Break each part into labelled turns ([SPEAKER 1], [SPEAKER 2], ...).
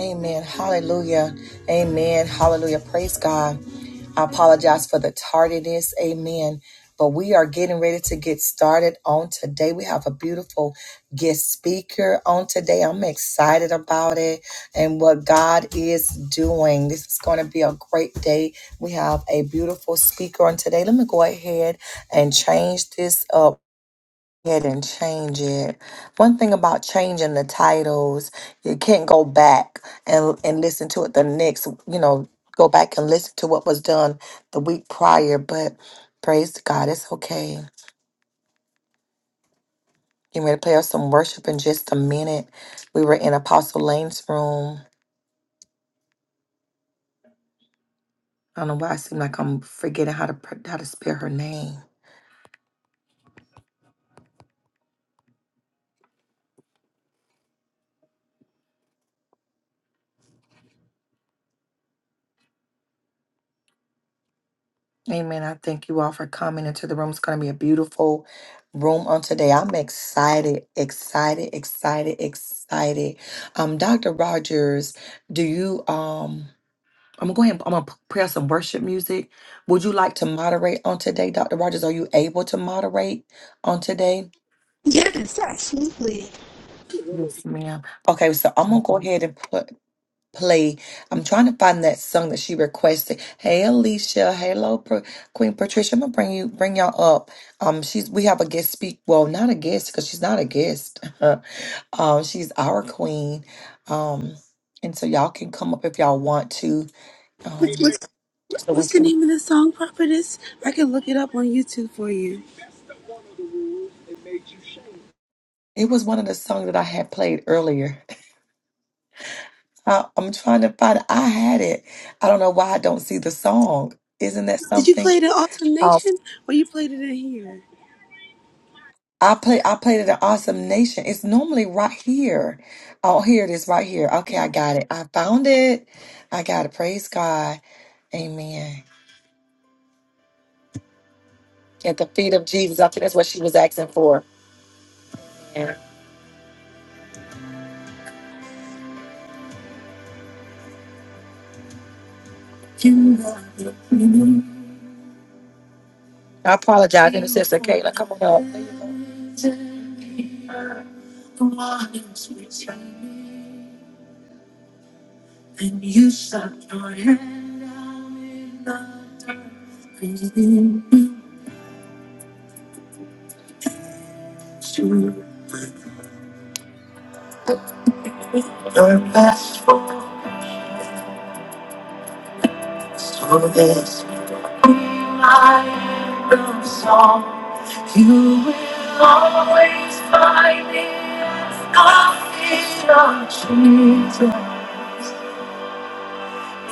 [SPEAKER 1] Amen. Hallelujah. Amen. Hallelujah. Praise God. I apologize for the tardiness. Amen. But we are getting ready to get started on today. We have a beautiful guest speaker on today. I'm excited about it and what God is doing. This is going to be a great day. We have a beautiful speaker on today. Let me go ahead and change this up ahead and change it. One thing about changing the titles, you can't go back and and listen to it the next, you know, go back and listen to what was done the week prior, but praise God, it's okay. You ready to play us some worship in just a minute. We were in Apostle Lane's room. I don't know why I seem like I'm forgetting how to pr- how to spell her name. Amen. I thank you all for coming into the room. It's going to be a beautiful room on today. I'm excited, excited, excited, excited. Um, Dr. Rogers, do you um? I'm gonna go ahead. I'm gonna play some worship music. Would you like to moderate on today, Dr. Rogers? Are you able to moderate on today?
[SPEAKER 2] Yes, absolutely.
[SPEAKER 1] Yes, ma'am. Okay, so I'm gonna go ahead and put play. I'm trying to find that song that she requested. Hey Alicia, hello Pro- Queen Patricia. I'm gonna bring you bring y'all up. Um, she's we have a guest speak. Well, not a guest because she's not a guest. um, she's our queen. Um, and so y'all can come up if y'all want to. Um,
[SPEAKER 2] What's,
[SPEAKER 1] so when
[SPEAKER 2] what's the
[SPEAKER 1] she,
[SPEAKER 2] name of the song, Prophetess? I can look it up on YouTube for you.
[SPEAKER 1] it was one of the songs that I had played earlier. I, I'm trying to find. I had it. I don't know why I don't see the song. Isn't that
[SPEAKER 2] Did you play
[SPEAKER 1] something?
[SPEAKER 2] it in Awesome Nation or you played it in here?
[SPEAKER 1] I play I played it at Awesome Nation. It's normally right here. Oh, here it is right here. Okay, I got it. I found it. I got it. Praise God. Amen. At the feet of Jesus. I think that's what she was asking for. Yeah. I apologize, Intercessor Kayla. Come on up. And you suck your head out in the dirt. Your Purposeful, so this my anthem song. You will always find me at the feet of Jesus.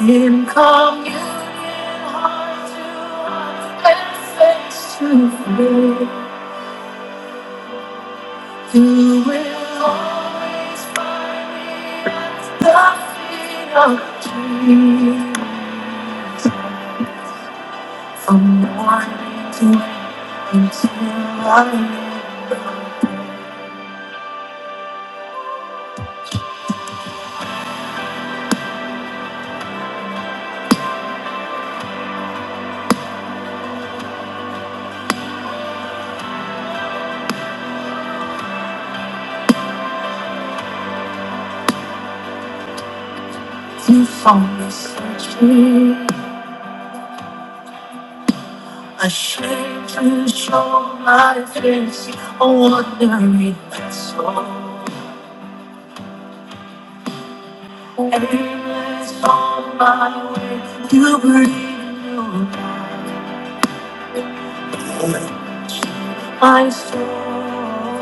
[SPEAKER 1] In communion, heart to heart, and face to face. You will always find me at the feet of Jesus. From morning to night until I meet you from the century. Ashamed to show my face, a wandering soul. Aimless on my way, you breathe new life. My soul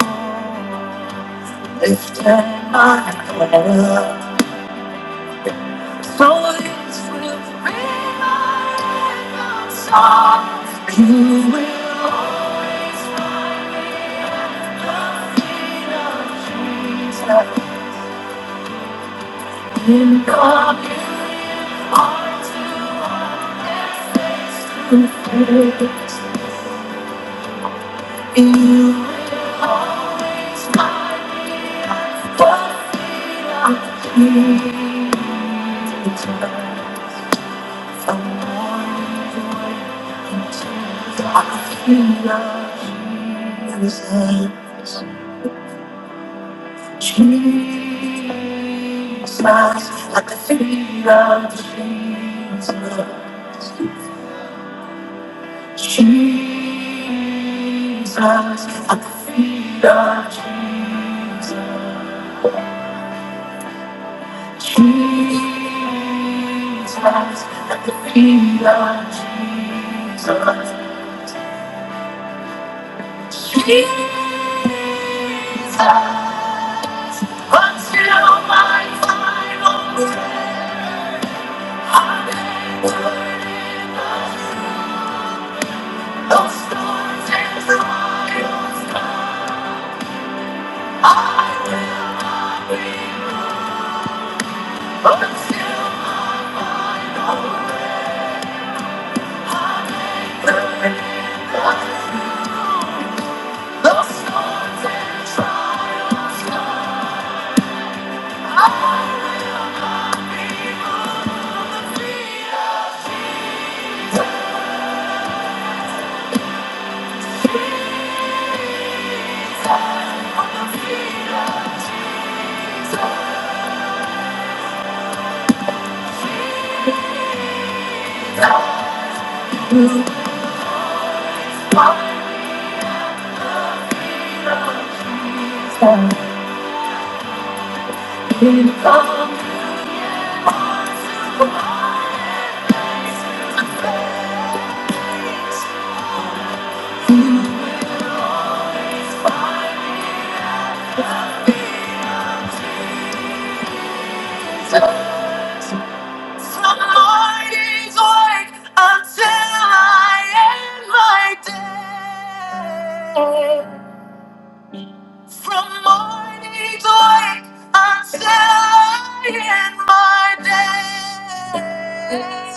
[SPEAKER 1] lifted my head. up. For it's with revival songs you will always find me in the feet of Jesus. In God you are to one and face to face. You will always find me at the feet of Jesus. The morning's until I feel his Jesus. Jesus, I the feet Jesus. Jesus, I the feet Jesus. Jesus, I the feet Jesus. Jesus, until my I'll storms and Trials I will not be until I know that those storms and trials come. I will be on the field. From morning to wake until I end my day.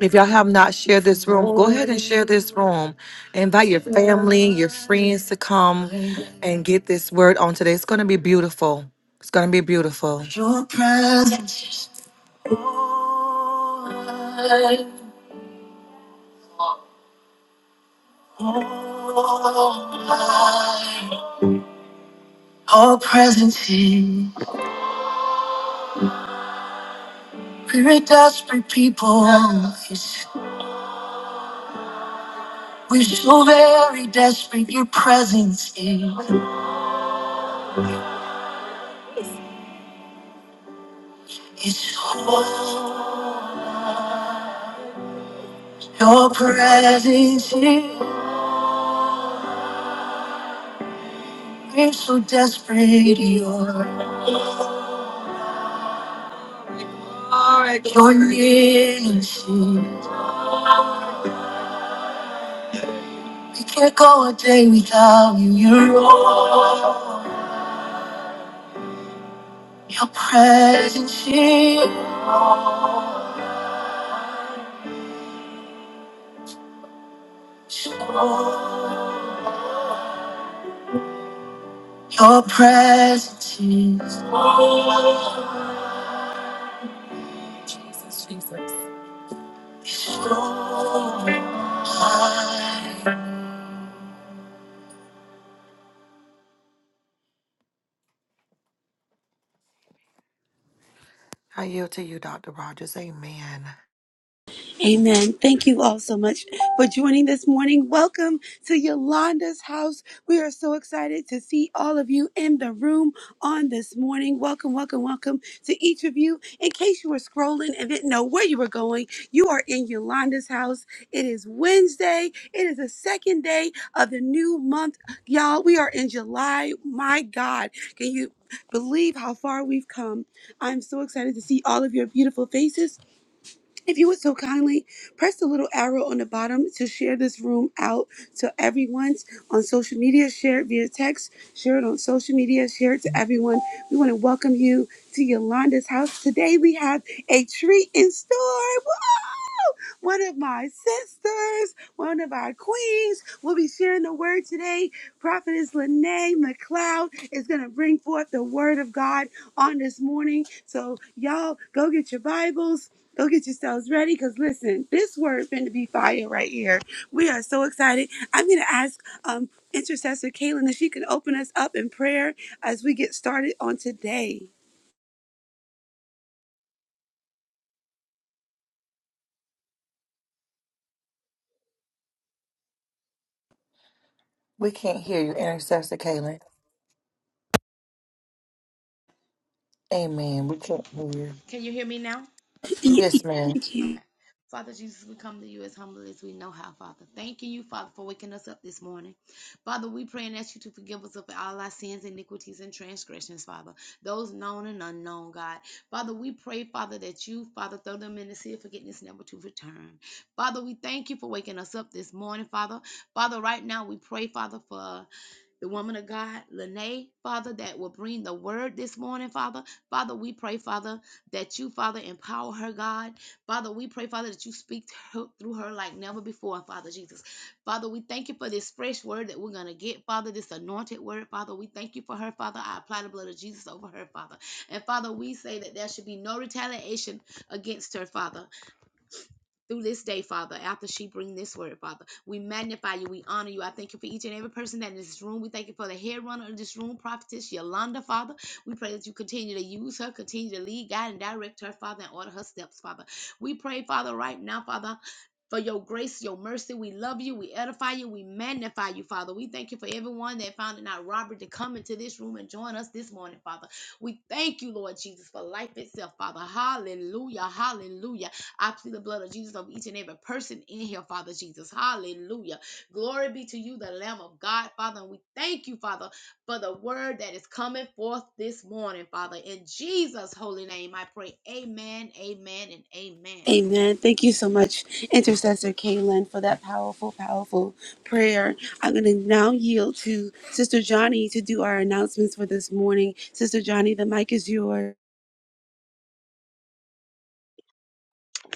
[SPEAKER 1] If y'all have not shared this room, go ahead and share this room. Invite your family, your friends to come and get this word on today. It's going to be beautiful. It's going to be beautiful. Your presence, all presence here. We're a desperate people. We're so very desperate. Your presence here. It's your presence here. We're so desperate, you're your innocent. We can't go a day without you, you're all. Your presence is all. Your presence is all. It's all I I yield to you, Dr. Rogers. Amen.
[SPEAKER 2] Amen. Thank you all so much for joining this morning. Welcome to Yolanda's house. We are so excited to see all of you in the room on this morning. Welcome, welcome, welcome to each of you. In case you were scrolling and didn't know where you were going, you are in Yolanda's house. It is Wednesday. It is the second day of the new month. Y'all, we are in July. My God, can you believe how far we've come? I'm so excited to see all of your beautiful faces if you would so kindly press the little arrow on the bottom to share this room out to everyone on social media, share it via text, share it on social media, share it to everyone. We want to welcome you to Yolanda's house. Today we have a treat in store. One of my sisters, one of our queens, will be sharing the word today. Prophetess Lene McLeod is going to bring forth the word of God on this morning. So, y'all, go get your Bibles. Go get yourselves ready because listen, this word finna be fire right here. We are so excited. I'm gonna ask um intercessor Kaylin if she can open us up in prayer as we get started on today.
[SPEAKER 1] We can't hear you, Intercessor Kaylin. Amen. We can't hear you.
[SPEAKER 3] Can you hear me now?
[SPEAKER 2] Thank
[SPEAKER 1] Yes, ma'am.
[SPEAKER 2] you.
[SPEAKER 3] Okay. Father Jesus, we come to you as humbly as we know how, Father. Thanking you, Father, for waking us up this morning. Father, we pray and ask you to forgive us of all our sins, iniquities, and transgressions, Father, those known and unknown, God. Father, we pray, Father, that you, Father, throw them in the sea of forgiveness never to return. Father, we thank you for waking us up this morning, Father. Father, right now we pray, Father, for the woman of God, Lene, Father, that will bring the word this morning, Father. Father, we pray, Father, that you, Father, empower her, God. Father, we pray, Father, that you speak through her like never before, Father Jesus. Father, we thank you for this fresh word that we're going to get, Father, this anointed word, Father. We thank you for her, Father. I apply the blood of Jesus over her, Father. And Father, we say that there should be no retaliation against her, Father through this day, Father, after she bring this word, Father. We magnify you. We honor you. I thank you for each and every person that in this room. We thank you for the head runner of this room, prophetess Yolanda, Father. We pray that you continue to use her, continue to lead, guide, and direct her, Father, and order her steps, Father. We pray, Father, right now, Father. For your grace, your mercy, we love you, we edify you, we magnify you, Father. We thank you for everyone that found it not robbery to come into this room and join us this morning, Father. We thank you, Lord Jesus, for life itself, Father. Hallelujah, hallelujah. I plead the blood of Jesus over each and every person in here, Father Jesus. Hallelujah. Glory be to you, the Lamb of God, Father. And we thank you, Father, for the word that is coming forth this morning, Father. In Jesus' holy name, I pray. Amen, amen, and amen.
[SPEAKER 2] Amen. Thank you so much, Intercessor Kaylin, for that powerful, powerful prayer. I'm going to now yield to Sister Johnny to do our announcements for this morning. Sister Johnny, the mic is yours.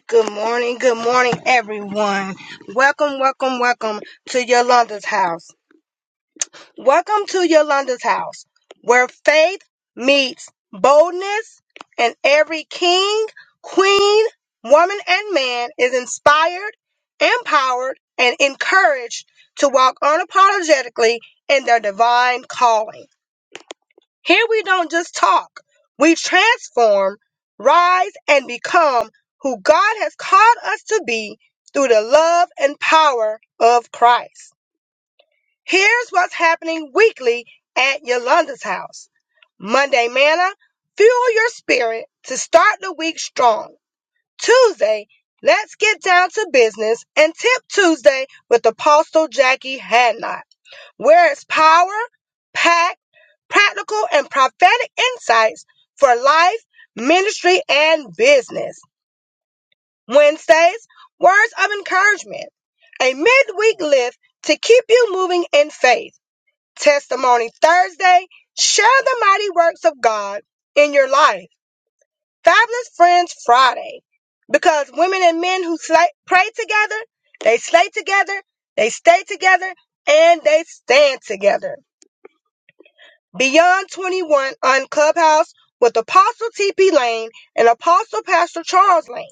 [SPEAKER 4] Good morning, good morning, everyone. Welcome, welcome, welcome to Yolanda's house. Welcome to Yolanda's house, where faith meets boldness, and every king, queen, woman, and man is inspired, empowered, and encouraged to walk unapologetically in their divine calling. Here we don't just talk, we transform, rise, and become who God has called us to be through the love and power of Christ. Here's what's happening weekly at Yolanda's house Monday, manna, fuel your spirit to start the week strong. Tuesday, let's get down to business and tip Tuesday with Apostle Jackie Hadnot where it's power, packed, practical, and prophetic insights for life, ministry, and business. Wednesdays, words of encouragement, a midweek lift to keep you moving in faith. Testimony Thursday, share the mighty works of God in your life. Fabulous Friends Friday, because women and men who slay, pray together, they slay together, they stay together, and they stand together. Beyond 21 on Clubhouse with Apostle TP Lane and Apostle Pastor Charles Lane.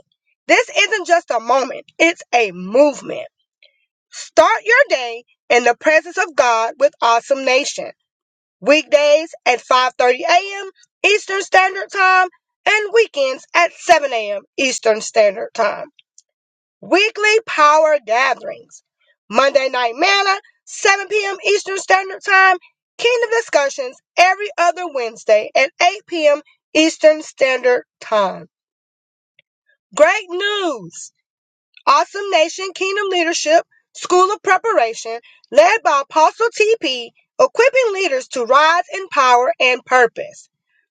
[SPEAKER 4] This isn't just a moment, it's a movement. Start your day in the presence of God with Awesome Nation. Weekdays at 5:30 a.m. Eastern Standard Time and weekends at 7 a.m. Eastern Standard Time. Weekly power gatherings. Monday night manna, 7 p.m. Eastern Standard Time. Kingdom discussions every other Wednesday at 8 p.m. Eastern Standard Time. Great news! Awesome Nation Kingdom Leadership School of Preparation, led by Apostle TP, equipping leaders to rise in power and purpose.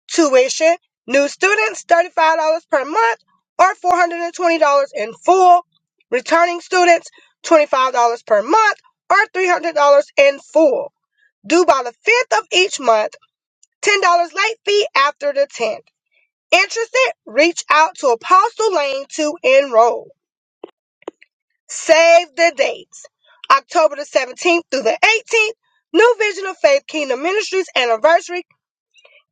[SPEAKER 4] Tuition, new students $35 per month or $420 in full. Returning students $25 per month or $300 in full. Due by the 5th of each month, $10 late fee after the 10th. Interested? Reach out to Apostle Lane to enroll. Save the dates. October the 17th through the 18th, New Vision of Faith Kingdom Ministries anniversary.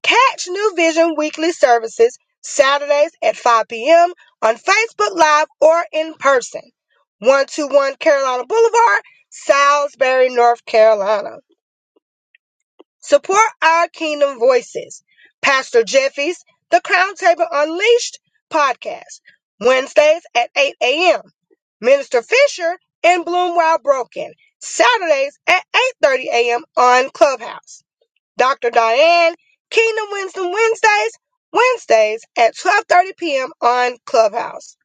[SPEAKER 4] Catch New Vision weekly services Saturdays at 5 p.m. on Facebook Live or in person. 121 Carolina Boulevard, Salisbury, North Carolina. Support our Kingdom Voices. Pastor Jeffy's The Crown Table Unleashed podcast, Wednesdays at 8 a.m. Minister Fisher and Bloom While Broken, Saturdays at 8.30 a.m. on Clubhouse. Dr. Diane, Kingdom Wisdom Wednesdays, Wednesdays at 12.30 p.m. on Clubhouse.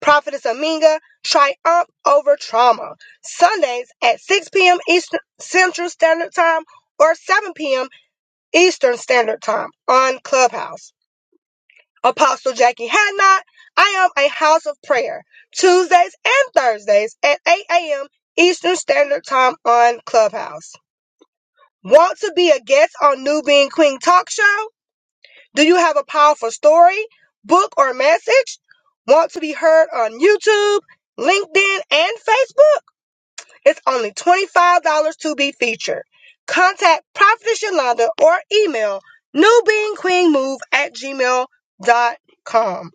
[SPEAKER 4] Prophetess Aminga, Triumph Over Trauma, Sundays at 6 p.m. Eastern Central Standard Time or 7 p.m. Eastern Standard Time on Clubhouse. Apostle Jackie Hadnot. I am a house of prayer Tuesdays and Thursdays at 8 a.m. Eastern Standard Time on Clubhouse. Want to be a guest on New Being Queen Talk Show? Do you have a powerful story, book, or message? Want to be heard on YouTube, LinkedIn, and Facebook? It's only $25 to be featured. Contact Prophetess Yolanda or email newbeingqueenmove at gmail dot com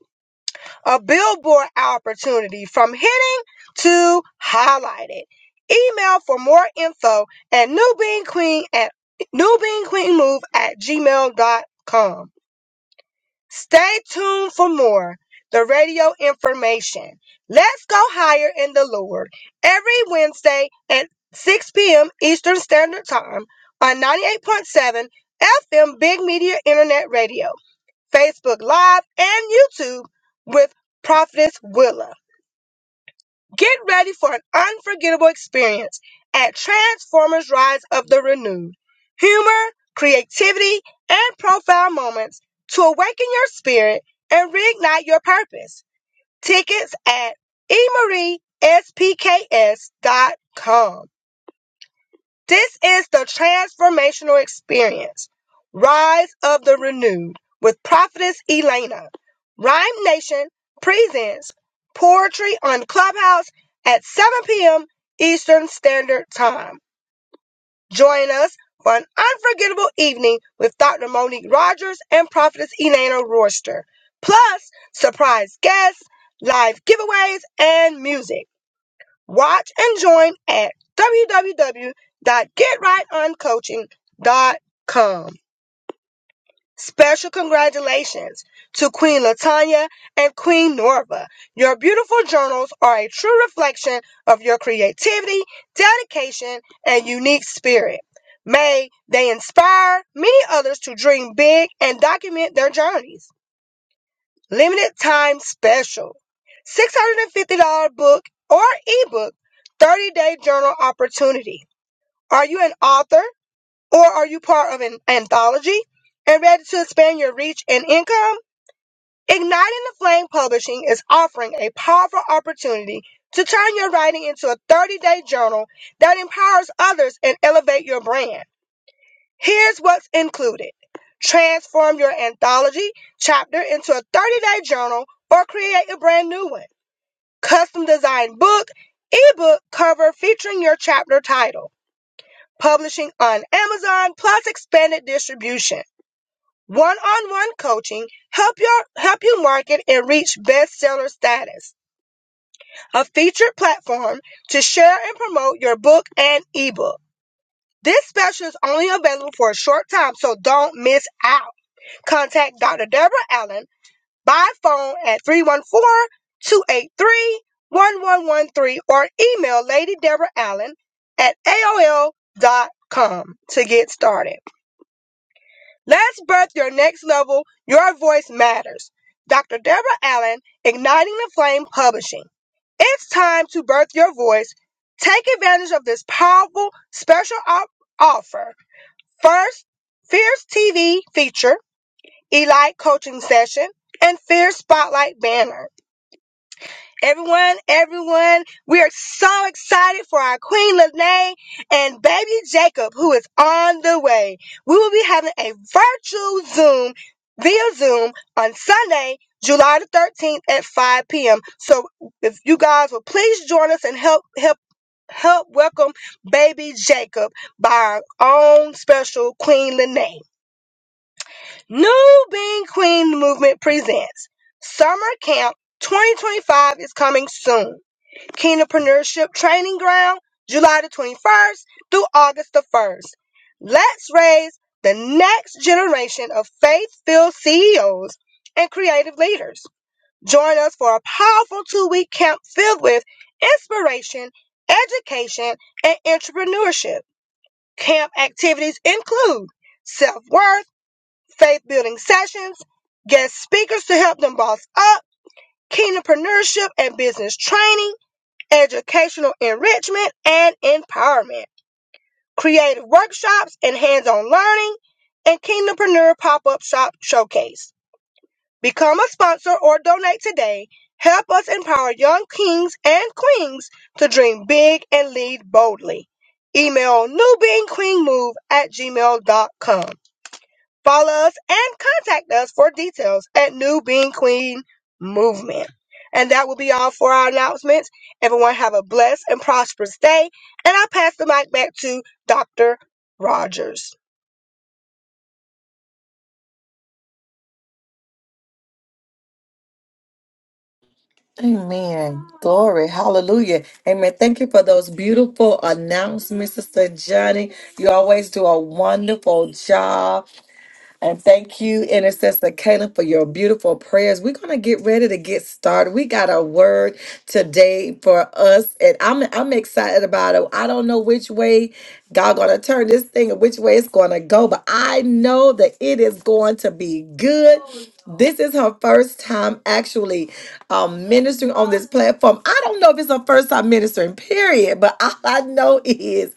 [SPEAKER 4] a billboard opportunity from hitting to highlighted. Email for more info at newbeanqueen at newbeanqueenmove at gmail dot com. Stay tuned for more. The radio information. Let's go higher in the Lord every Wednesday at 6 p.m. Eastern Standard Time on 98.7 FM Big Media Internet Radio. Facebook Live, and YouTube with Prophetess Willa. Get ready for an unforgettable experience at Transformers Rise of the Renewed. Humor, creativity, and profound moments to awaken your spirit and reignite your purpose. Tickets at spks. dot com. This is the transformational experience. Rise of the Renewed with Prophetess Elena. Rhyme Nation presents poetry on Clubhouse at 7 p.m. Eastern Standard Time. Join us for an unforgettable evening with Dr. Monique Rogers and Prophetess Elena Royster. Plus, surprise guests, live giveaways, and music. Watch and join at www.getrightoncoaching.com. Special congratulations to Queen Latanya and Queen Norva. Your beautiful journals are a true reflection of your creativity, dedication, and unique spirit. May they inspire many others to dream big and document their journeys limited time special. $650 book or ebook, 30 day journal opportunity. Are you an author or are you part of an anthology and ready to expand your reach and income? Igniting the Flame Publishing is offering a powerful opportunity to turn your writing into a 30 day journal that empowers others and elevate your brand. Here's what's included transform your anthology chapter into a 30 day journal or create a brand new one. Custom designed book, ebook cover featuring your chapter title. Publishing on Amazon plus expanded distribution. One on one coaching help your help you market and reach bestseller status. A featured platform to share and promote your book and ebook. This special is only available for a short time, so don't miss out. Contact Dr. Deborah Allen by phone at three one four two eight three one one one three or email Lady Deborah Allen at A O L dot com to get started. Let's birth your next level. Your voice matters. Dr. Deborah Allen, Igniting the Flame Publishing. It's time to birth your voice. Take advantage of this powerful special op- offer. First, Fierce TV feature. Elite coaching session, and Fear Spotlight banner. Everyone, everyone, we are so excited for our Queen Lene and baby Jacob, who is on the way. We will be having a virtual Zoom via Zoom on Sunday, July the 13th at 5 p.m. So if you guys will please join us and help help help welcome baby Jacob by our own special Queen Lene. New Being Queen Movement presents Summer Camp 2025 is coming soon. Kingdompreneurship Training Ground, July the 21st through August the 1st. Let's raise the next generation of faith-filled CEOs and creative leaders. Join us for a powerful two-week camp filled with inspiration, education, and entrepreneurship. Camp activities include self-worth faith building sessions, guest speakers to help them boss up, kingdompreneurship and business training, educational enrichment and empowerment, creative workshops and hands on learning, and kingdompreneur pop up shop showcase. Become a sponsor or donate today. Help us empower young kings and queens to dream big and lead boldly. Email newbeingqueenmove at gmail dot com. Follow us and contact us for details at New Being Queen Movement. And that will be all for our announcements. Everyone have a blessed and prosperous day. And I'll pass the mic back to Dr. Rogers.
[SPEAKER 1] Amen. Glory. Hallelujah. Amen. Thank you for those beautiful announcements, Sister Johnny. You always do a wonderful job. And thank you, Intercessor Caleb, for your beautiful prayers. We're gonna get ready to get started. We got a word today for us, and I'm I'm excited about it. I don't know which way God gonna turn this thing and which way it's gonna go, but I know that it is going to be good. This is her first time actually um, ministering on this this platform. I don't know if it's her first time ministering, period, but all I know is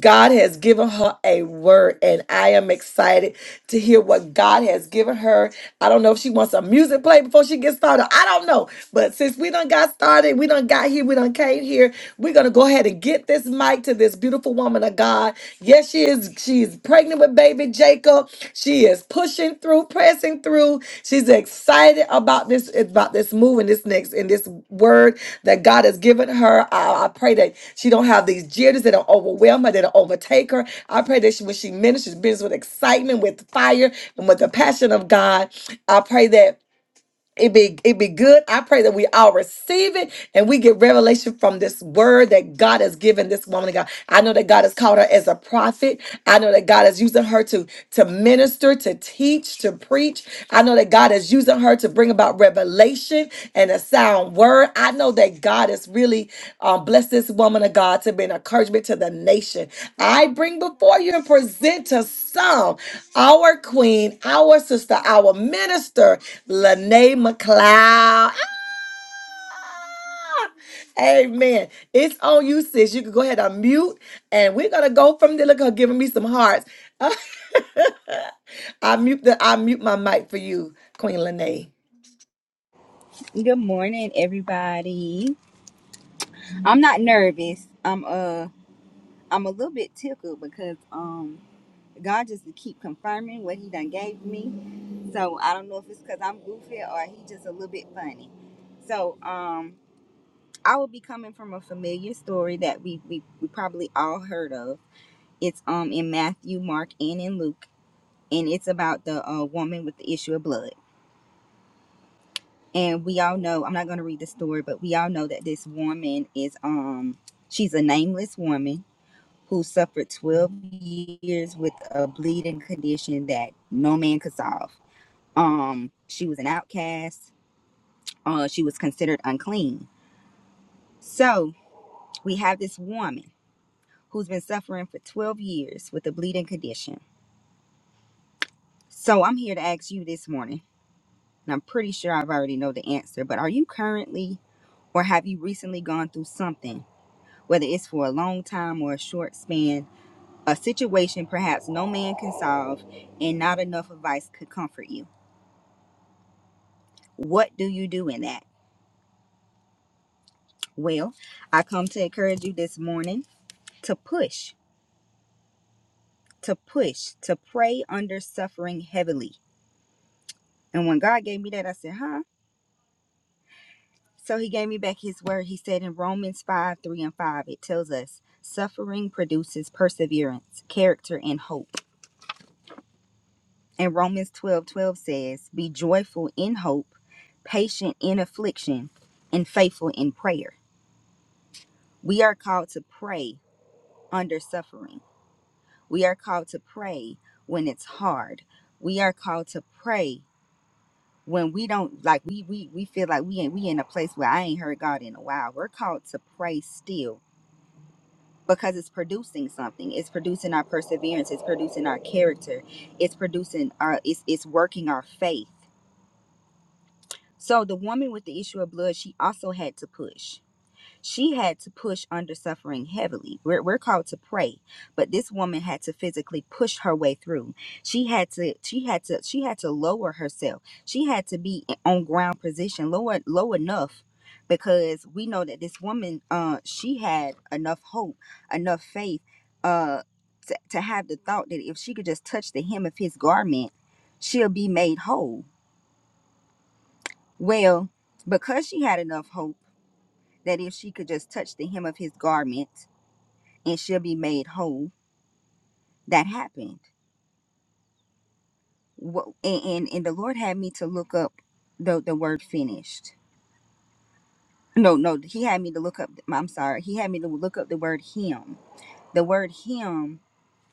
[SPEAKER 1] God has given her a word, and I am excited to hear what God has given her. I don't know if she wants a music play before she gets started. I don't know. But since we done got started, we done got here, we done came here, we're going to go ahead and get this mic to this beautiful woman of God. Yes, Yes, she is. She is pregnant with baby Jacob. She is pushing through, pressing through. She's excited about this, about this move and this next and this word that God has given her. I, I pray that she don't have these jitters that don't overwhelm her, that don't overtake her. I pray that she, when she ministers, business with excitement, with fire, and with the passion of God. I pray that. It be it be good. I pray that we all receive it and we get revelation from this word that God has given this woman of God. I know that God has called her as a prophet. I know that God is using her to to minister, to teach, to preach. I know that God is using her to bring about revelation information and a sound word. I know that God has really um, blessed this woman of God to be an encouragement to the nation. I bring before you and present to some our queen, our sister, our minister, Lene McLeod. Ah! Amen. It's on you, sis. You can go ahead and mute, and we're gonna go from there. Look, her giving me some hearts. I mute the I mute my mic for you, Queen Lene.
[SPEAKER 5] Good morning, everybody. I'm not nervous. I'm uh I'm a little bit tickled because um God just keep confirming what he done gave me. So I don't know if it's because I'm goofy or he just a little bit funny. So um I will be coming from a familiar story that we we, we probably all heard of. It's um in Matthew, Mark, and in Luke, and it's about the uh, woman with the issue of blood. and we all know i'm not going to read the story but we all know that this woman is um she's a nameless woman who suffered 12 years with a bleeding condition that no man could solve um she was an outcast uh she was considered unclean so we have this woman who's been suffering for 12 years with a bleeding condition so i'm here to ask you this morning and i'm pretty sure i've already know the answer but are you currently or have you recently gone through something whether it's for a long time or a short span, a situation perhaps no man can solve and not enough advice could comfort you. What do you do in that? Well, I come to encourage you this morning to push, to push, to pray under suffering heavily. And when God gave me that, I said, huh? So he gave me back his word. He said in Romans 5 3 and 5, it tells us suffering produces perseverance, character, and hope. And Romans 12 12 says, Be joyful in hope, patient in affliction, and faithful in prayer. We are called to pray under suffering. We are called to pray when it's hard. We are called to pray when we don't like we we, we feel like we ain't we in a place where I ain't heard God in a while. We're called to pray still because it's producing something. It's producing our perseverance, it's producing our character, it's producing our it's it's working our faith So the woman with the issue of blood, she also had to push. She had to push under suffering heavily. We're, we're called to pray, but this woman had to physically push her way through. She had to, she had to, she had to lower herself. She had to be on ground position, low, en- low enough, because we know that this woman, uh, she had enough hope, enough faith, uh, to, to have the thought that if she could just touch the hem of his garment, she'll be made whole well, because she had enough hope that if she could just touch the hem of his garment and she'll be made whole, that happened. Wha- And, and, and the Lord had me to look up the, the word finished. No, no, he had me to look up, I'm sorry, he had me to look up the word hem. The word hem.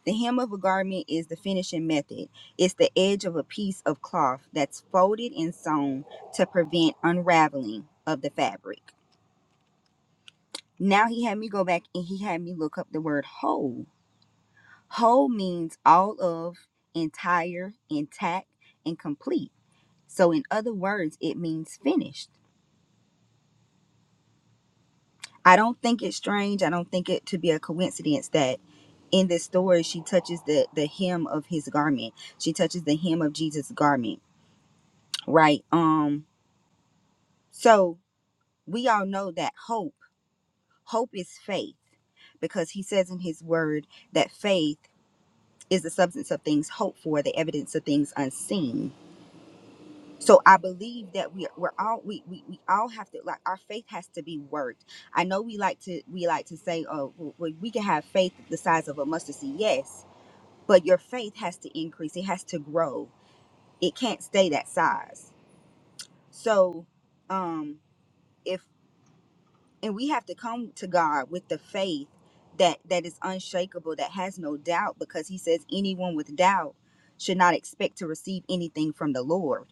[SPEAKER 5] the hem of a garment is the finishing method. It's the edge of a piece of cloth that's folded and sewn to prevent unraveling of the fabric. Now he had me go back and he had me look up the word whole. Whole means all of, entire, intact, and complete. So, in other words, it means finished. I don't think it's strange. I don't think it to be a coincidence that in this story she touches the the hem of his garment. She touches the hem of Jesus' garment, right? Um. So we all know that hope. Hope is faith because he says in his word that faith. is the substance of things hoped for, the evidence of things unseen. So I believe that we we're all we, we we all have to like our faith has to be worked. I know we like to we like to say oh well, we can have faith the size of a mustard seed yes, but your faith has to increase. It has to grow. It can't stay that size. So um if and we have to come to God with the faith that that is unshakable, that has no doubt, because He says anyone with doubt should not expect to receive anything from the Lord.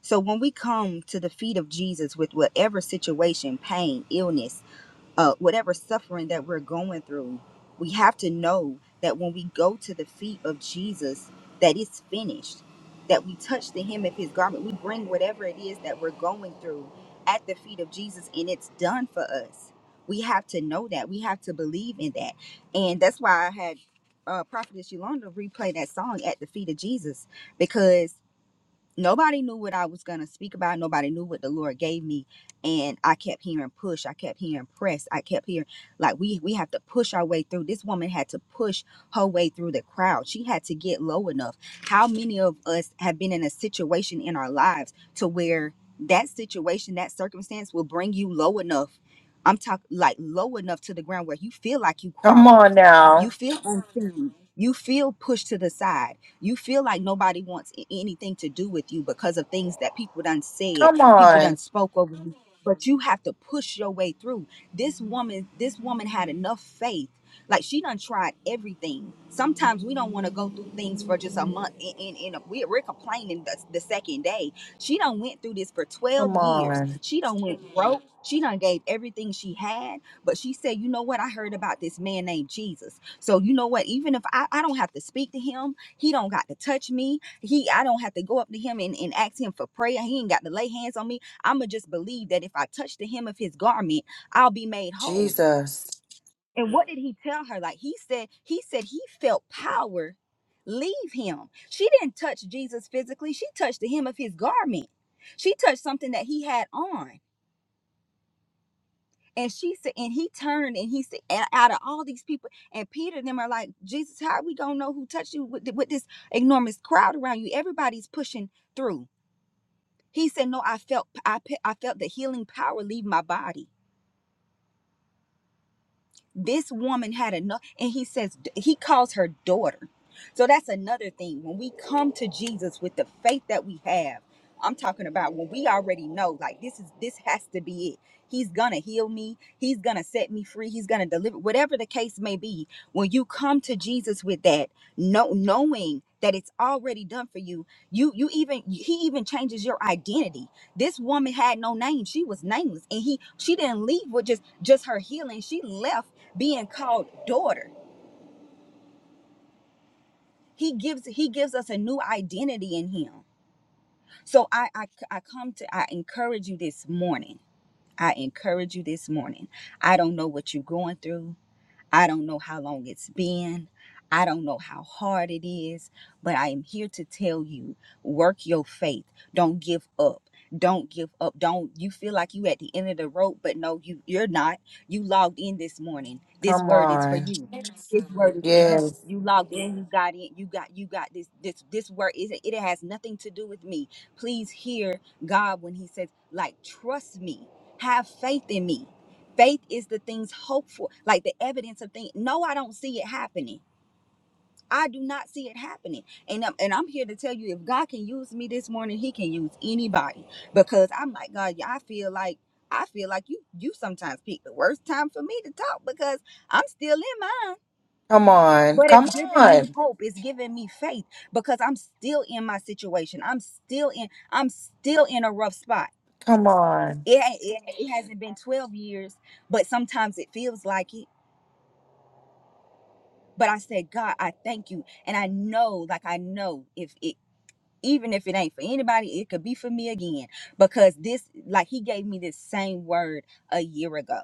[SPEAKER 5] So when we come to the feet of Jesus with whatever situation, pain, illness, uh, whatever suffering that we're going through, we have to know that when we go to the feet of Jesus, that it's finished, that we touch the hem of his garment. We bring whatever it is that we're going through at the feet of Jesus, and it's done for us. We have to know that. We have to believe in that. And that's why I had uh, Prophetess Yolanda replay that song at the feet of Jesus because nobody knew what I was going to speak about. Nobody knew what the Lord gave me. And I kept hearing push. I kept hearing press. I kept hearing like we we have to push our way through. This woman had to push her way through the crowd. She had to get low enough. How many of us have been in a situation in our lives to where that situation, that circumstance will bring you low enough? I'm talking like low enough to the ground where you feel like you
[SPEAKER 1] Come
[SPEAKER 5] crawling.
[SPEAKER 1] on now.
[SPEAKER 5] You feel unseen. You feel pushed to the side you feel like nobody wants a- anything to do with you because of things that people done said,
[SPEAKER 1] Come
[SPEAKER 5] people done
[SPEAKER 1] on.
[SPEAKER 5] spoke over you. But you have to push your way through. This woman, this woman had enough faith. Like she done tried everything. Sometimes we don't want to go through things for just a month, and, and, and we, we're complaining the, the second day. She done went through this for twelve
[SPEAKER 1] Come
[SPEAKER 5] years.
[SPEAKER 1] on.
[SPEAKER 5] She done went broke. She done gave everything she had but she said you know what i heard about this man named jesus so you know what even if i, I don't have to speak to him he don't got to touch me. He I don't have to go up to him and, and ask him for prayer. He ain't got to lay hands on me. I'ma just believe that if I touch the hem of his garment, I'll be made whole.
[SPEAKER 1] Jesus.
[SPEAKER 5] And what did he tell her? Like he said, he said he felt power leave him. She didn't touch Jesus physically, she touched the hem of his garment. She touched something that he had on. And she said, and he turned and he said, and out of all these people, and Peter and them are like, Jesus, how we gonna know who touched you with, with this enormous crowd around you? Everybody's pushing through. He said, No, I felt I, I felt the healing power leave my body. This woman had enough, and he says he calls her daughter. So that's another thing. When we come to Jesus with the faith that we have, I'm talking about when we already know, like this is this has to be it. He's gonna heal me. He's gonna set me free. He's gonna deliver. Whatever the case may be, when you come to Jesus with that, no knowing that it's already done for you, you you even he even changes your identity this woman had no name she was nameless and he she didn't leave with just just her healing she left being called daughter he gives he gives us a new identity in him so i i, I come to i encourage you this morning i encourage you this morning i don't know what you're going through I don't know how long it's been. I don't know how hard it is, but I am here to tell you work your faith. Don't give up. Don't give up. Don't you feel like you at the end of the rope, but no, you you're not. You logged in this morning. This
[SPEAKER 1] Come
[SPEAKER 5] word is for
[SPEAKER 1] on.
[SPEAKER 5] you. This word is for you.
[SPEAKER 1] Yes.
[SPEAKER 5] You logged in, you got in, you got you got this this this word is it has nothing to do with me. Please hear God when he says like trust me. Have faith in me. Faith is the things hopeful, like the evidence of things. No, I don't see it happening. I do not see it happening. And I'm, and I'm here to tell you if God can use me this morning, he can use anybody because I'm like, God, yeah, I feel like I feel like you you sometimes pick the worst time for me to talk because I'm still in mine.
[SPEAKER 1] Come on.
[SPEAKER 5] But it's
[SPEAKER 1] Come
[SPEAKER 5] giving me
[SPEAKER 1] on.
[SPEAKER 5] hope. It's giving me faith because I'm still in my situation. I'm still in I'm still in a rough spot.
[SPEAKER 1] Come on.
[SPEAKER 5] It, it, it hasn't been 12 years, but sometimes it feels like it But I said, God, I thank you. And I know, like I know if it even if it ain't for anybody, it could be for me again. Because this like he gave me this same word a year ago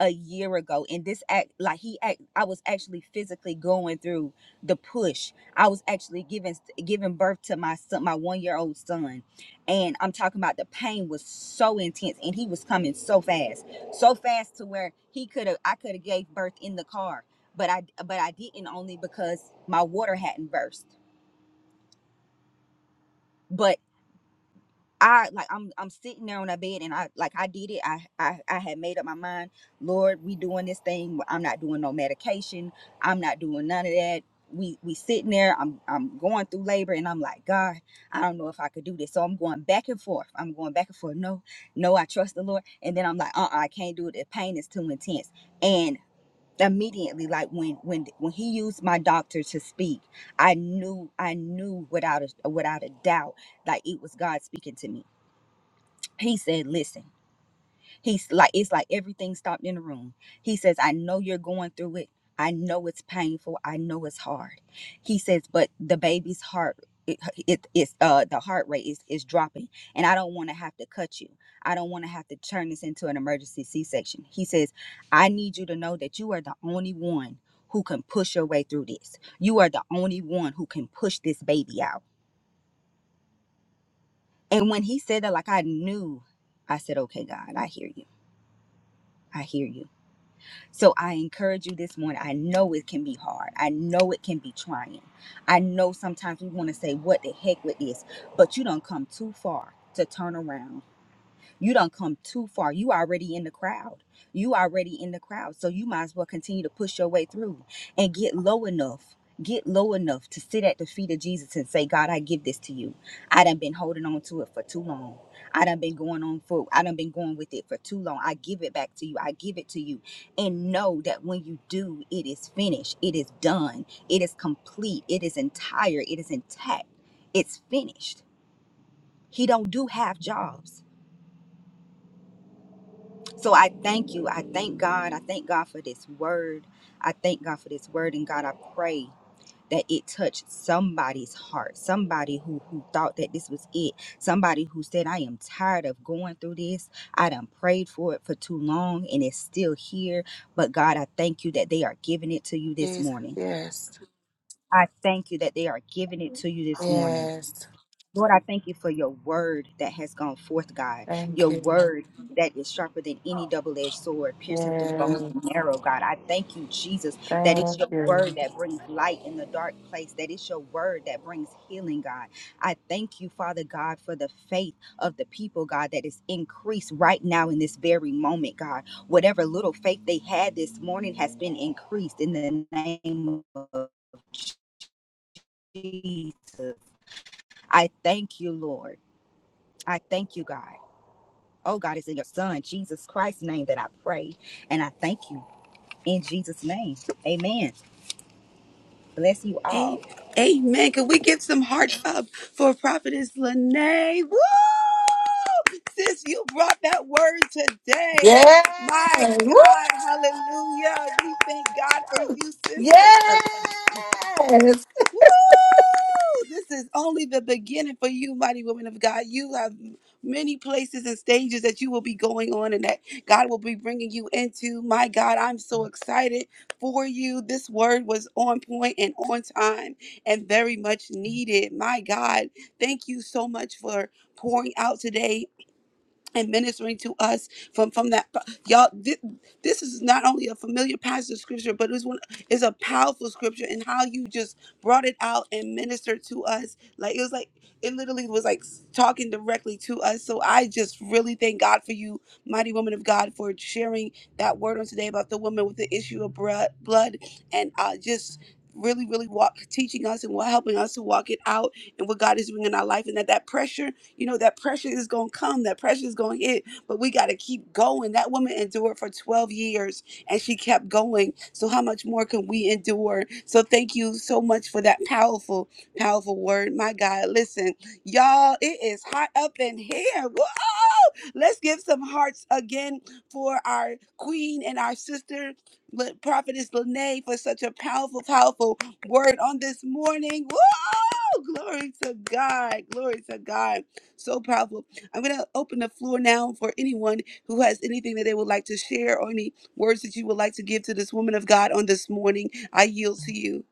[SPEAKER 5] a year ago and this act like he act I was actually physically going through the push. I was actually giving giving birth to my son, my 1-year-old son. And I'm talking about the pain was so intense and he was coming so fast. So fast to where he could have I could have gave birth in the car, but I but I didn't only because my water hadn't burst. but. I like I'm I'm sitting there on a bed and I like I did it. I, I I had made up my mind, Lord, we doing this thing. I'm not doing no medication. I'm not doing none of that. We we sitting there. I'm I'm going through labor and I'm like, God, I don't know if I could do this. So I'm going back and forth. I'm going back and forth. No, no, I trust the Lord. And then I'm like, uh, uh I can't do it. The pain is too intense. And immediately, like when when when he used my doctor to speak, I knew I knew without a without a doubt, like it was God speaking to me he said listen he's like it's like everything stopped in the room he says i know you're going through it i know it's painful i know it's hard he says but the baby's heart it, it it's uh the heart rate is is dropping and i don't want to have to cut you i don't want to have to turn this into an emergency c-section he says i need you to know that you are the only one who can push your way through this you are the only one who can push this baby out and when he said that like i knew i said okay god i hear you i hear you So I encourage you this morning. I know it can be hard. I know it can be trying. I know sometimes we want to say, what the heck with this? But you don't come too far to turn around you don't come too far. You already in the crowd. You already in the crowd. So you might as well continue to push your way through and get low enough. Get low enough to sit at the feet of Jesus and say, God, I give this to you. I done been holding on to it for too long. I done been going on for I done been going with it for too long. I give it back to you. I give it to you. And know that when you do, it is finished. It is done. It is complete. It is entire. It is intact. It's finished. He don't do half jobs. So I thank you. I thank God. I thank God for this word. I thank God for this word. And God, I pray that it touched somebody's heart, somebody who, who thought that this was it, somebody who said, I am tired of going through this. I done prayed for it for too long and it's still here. But God, I thank you that they are giving it to you this
[SPEAKER 1] Jesus.
[SPEAKER 5] morning.
[SPEAKER 1] Yes.
[SPEAKER 5] I thank you that they are giving it to you this morning.
[SPEAKER 1] Yes.
[SPEAKER 5] Lord, I thank you for your word that has gone forth, God.
[SPEAKER 1] Thank
[SPEAKER 5] Your
[SPEAKER 1] you.
[SPEAKER 5] word that is sharper than any double edged sword, piercing through bone
[SPEAKER 1] Yes.
[SPEAKER 5] and marrow, God. I thank you, Jesus, that it's
[SPEAKER 1] Thank
[SPEAKER 5] your
[SPEAKER 1] you.
[SPEAKER 5] word that brings light in the dark place, that it's your word that brings healing, God. I thank you, Father God, for the faith of the people, God, that is increased right now in this very moment, God. Whatever little faith they had this morning has been increased in the name of Jesus. I thank you, Lord. I thank you, God. Oh God, it's in your son, Jesus Christ's name that I pray. And I thank you in Jesus' name. Amen. Bless you
[SPEAKER 2] A-
[SPEAKER 5] all.
[SPEAKER 2] Amen. Can we give some hearts up for Prophetess Lene? Woo! Sis, you brought that word today. My
[SPEAKER 1] Yes. Woo!
[SPEAKER 2] God, hallelujah. We thank God for you, sister.
[SPEAKER 1] Yes.
[SPEAKER 2] Woo! This is only the beginning for you, mighty women of God. You have many places and stages that you will be going on and that God will be bringing you into. My God, I'm so excited for you. This word was on point and on time and very much needed. My God, thank you so much for pouring out today and ministering to us from from that y'all thi- this is not only a familiar passage of scripture but it's one is a powerful scripture and how you just brought it out and ministered to us like it was like it literally was like talking directly to us so i just really thank god for you mighty woman of god for sharing that word on today about the woman with the issue of blood blood and uh just really really walk teaching us and wa- helping us to walk it out and what god is doing in our life and that that pressure you know, that pressure is going to come, that pressure is going to hit, but we got to keep going. That woman endured for 12 years and she kept going. So, how much more can we endure? So, thank you so much for that powerful, powerful word. My God, listen, y'all, it is hot up in here. Whoa! Let's give some hearts again for our queen and our sister, Le- Prophetess Lene, for such a powerful, powerful word on this morning. Whoa! Glory to God. Glory to God. So powerful. I'm going to open the floor now for anyone who has anything that they would like to share or any words that you would like to give to this woman of God on this morning. I yield to you.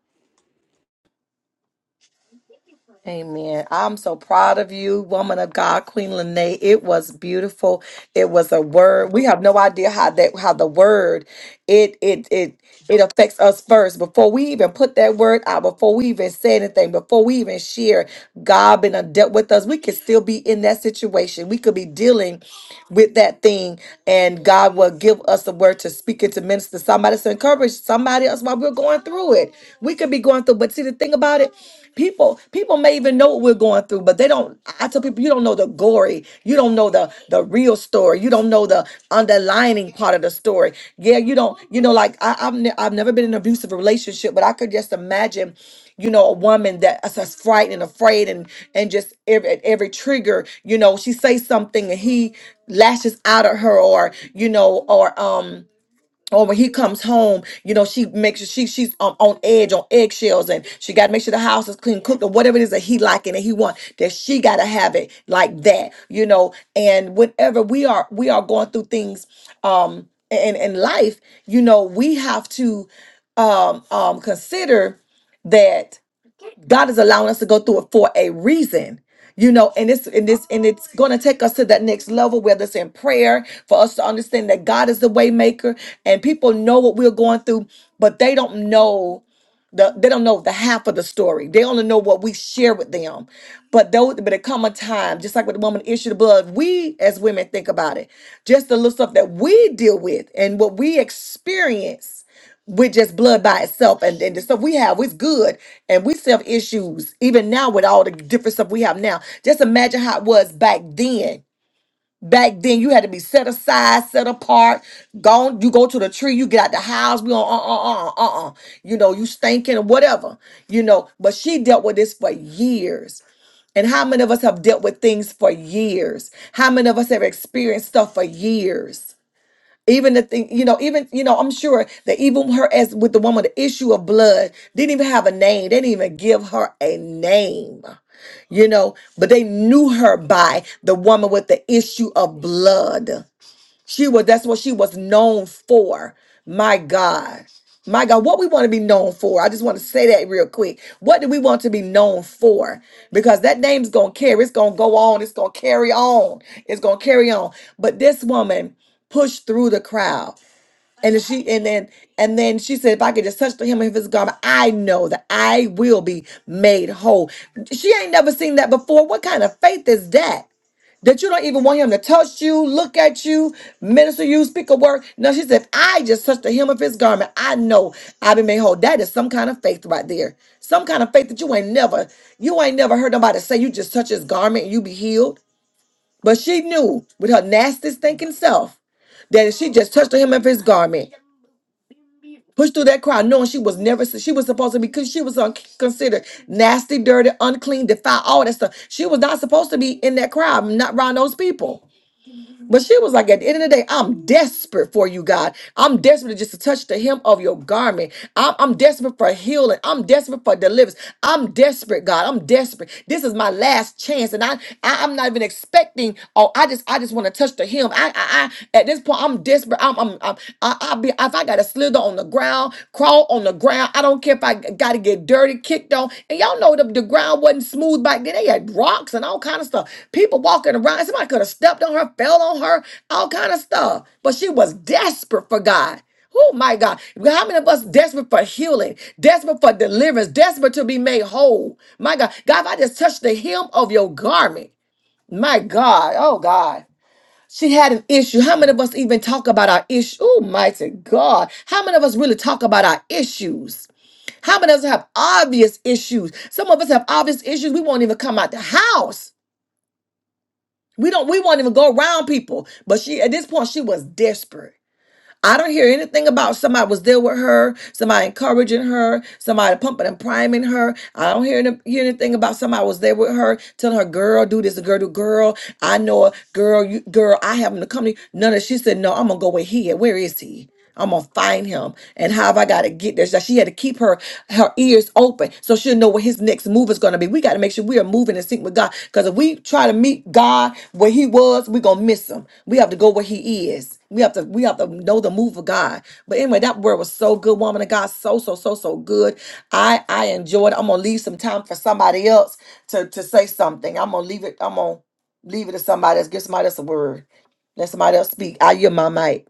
[SPEAKER 1] Amen. I'm so proud of you, woman of God, Queen Lene. It was beautiful. It was a word. We have no idea how that how the word it it it it affects us first before we even put that word out, before we even say anything, before we even share. God been a dealt with us. We could still be in that situation. We could be dealing with that thing, and God will give us a word to speak and to minister to somebody to encourage somebody else while we're going through it. We could be going through, but see the thing about it. People, people may even know what we're going through, but they don't. I tell people, you don't know the gory, you don't know the the real story, you don't know the underlining part of the story. Yeah, you don't. You know, like I, I've ne- I've never been in an abusive relationship, but I could just imagine, you know, a woman that's just frightened and afraid, and and just every at every trigger, you know, she says something and he lashes out at her, or you know, or um or when he comes home, you know, she makes sure she she's um, on edge, on eggshells, and she got to make sure the house is clean, cooked, or whatever it is that he liking and he want. That she got to have it like that, you know. And whenever we are we are going through things, um, in in life, you know, we have to, um, um, consider that. God is allowing us to go through it for a reason. You know, and it's and this and it's gonna take us to that next level, whether it's in prayer, for us to understand that God is the way maker and people know what we're going through, but they don't know the they don't know the half of the story. They only know what we share with them. But though but it come a time, just like with the woman issue the blood, we as women think about it. Just the little stuff that we deal with and what we experience with just blood by itself and, and the stuff we have is good and we still have issues even now with all the different stuff we have now. Just imagine how it was back then Back then, you had to be set aside, set apart. Gone, you go to the tree, you get out the house. We on uh uh uh uh uh. You know, you stinking or whatever. You know, but she dealt with this for years. And how many of us have dealt with things for years? How many of us have experienced stuff for years? Even the thing, you know, even, you know, I'm sure that even her, as with the woman, the issue of blood, didn't even have a name. They didn't even give her a name you know, but they knew her by the woman with the issue of blood. She was that's what she was known for. My God. My God, what we want to be known for. I just want to say that real quick. What do we want to be known for? Because that name's going to carry, it's going to go on, it's going to carry on, it's going to carry on. But this woman pushed through the crowd. And if she and then and then she said, if I could just touch the hem of his garment, I know that I will be made whole. She ain't never seen that before. What kind of faith is that? That you don't even want him to touch you, look at you, minister you, speak a word. No, she said, if I just touch the hem of his garment, I know i will be made whole. That is some kind of faith right there. Some kind of faith that you ain't never, you ain't never heard nobody say you just touch his garment and you be healed. But she knew with her nastiest thinking self that if she just touched the hem of his garment, pushed through that crowd knowing she was never she was supposed to be she was un- considered nasty dirty unclean defiled all that stuff she was not supposed to be in that crowd not around those people but she was like, at the end of the day, I'm desperate for you, God. I'm desperate just to touch the hem of your garment. I'm, I'm desperate for healing. I'm desperate for deliverance. I'm desperate, God. I'm desperate. This is my last chance, and I, I am not even expecting. Oh, I just, I just want to touch the hem. I, I, I, at this point, I'm desperate. I'm, I'm, I'm I, I be if I gotta slither on the ground, crawl on the ground ground. I don't care if I got to get dirty, kicked on. And y'all know the, the ground wasn't smooth back then. They had rocks and all kind of stuff. People walking around. Somebody could have stepped on her, fell on her, all kind of stuff. But she was desperate for God. Oh my God. How many of us desperate for healing, desperate for deliverance, desperate to be made whole? My God. God, if I just touch the hem of your garment, my God. Oh God. She had an issue. How many of us even talk about our issue? Oh, mighty God. How many of us really talk about our issues? How many of us have obvious issues? Some of us have obvious issues. We won't even come out the house. We don't. We won't even go around people. But she, at this point, she was desperate. I don't hear anything about somebody was there with her, somebody encouraging her, somebody pumping and priming her. I don't hear, any- hear anything about somebody was there with her, telling her, "Girl, do this, girl, do girl." I know a girl, you girl. I have him to come to you. None of. She said, "No, I'm gonna go with he. Where is he?" I'm gonna find him. And how have I gotta get there? So she had to keep her her ears open so she'll know what his next move is gonna be. We gotta make sure we are moving in sync with God. Because if we try to meet God where he was, we're gonna miss him. We have to go where he is. We have to we have to know the move of God. But anyway, that word was so good, woman of God. So, so, so, so good. I I enjoyed it. I'm gonna leave some time for somebody else to to say something. I'm gonna leave it, I'm gonna leave it to somebody else. Give somebody else a word. Let somebody else speak. I hear my mic.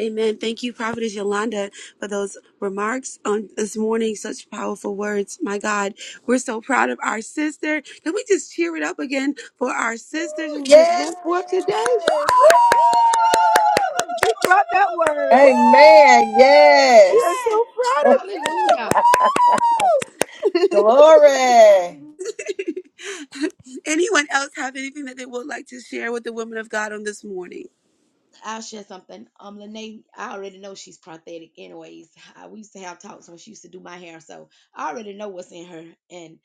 [SPEAKER 2] Amen. Thank you, Prophetess Yolanda, for those remarks on this morning. Such powerful words. My God, we're so proud of our sister. Can we just cheer it up again for our sisters who just
[SPEAKER 1] Yes.
[SPEAKER 2] went forth today?
[SPEAKER 1] Woo!
[SPEAKER 2] She brought that word. Woo!
[SPEAKER 3] Woo!
[SPEAKER 1] Amen.
[SPEAKER 2] We are
[SPEAKER 1] Yes.
[SPEAKER 3] Yes.
[SPEAKER 2] so proud
[SPEAKER 3] Hallelujah.
[SPEAKER 2] of you. Woo!
[SPEAKER 1] Glory.
[SPEAKER 2] Anyone else have anything that they would like to share with the women of God on this morning?
[SPEAKER 3] I'll share something. Um, Lene, I already know she's prophetic, anyways. I, we used to have talks when she used to do my hair. So I already know what's in her. And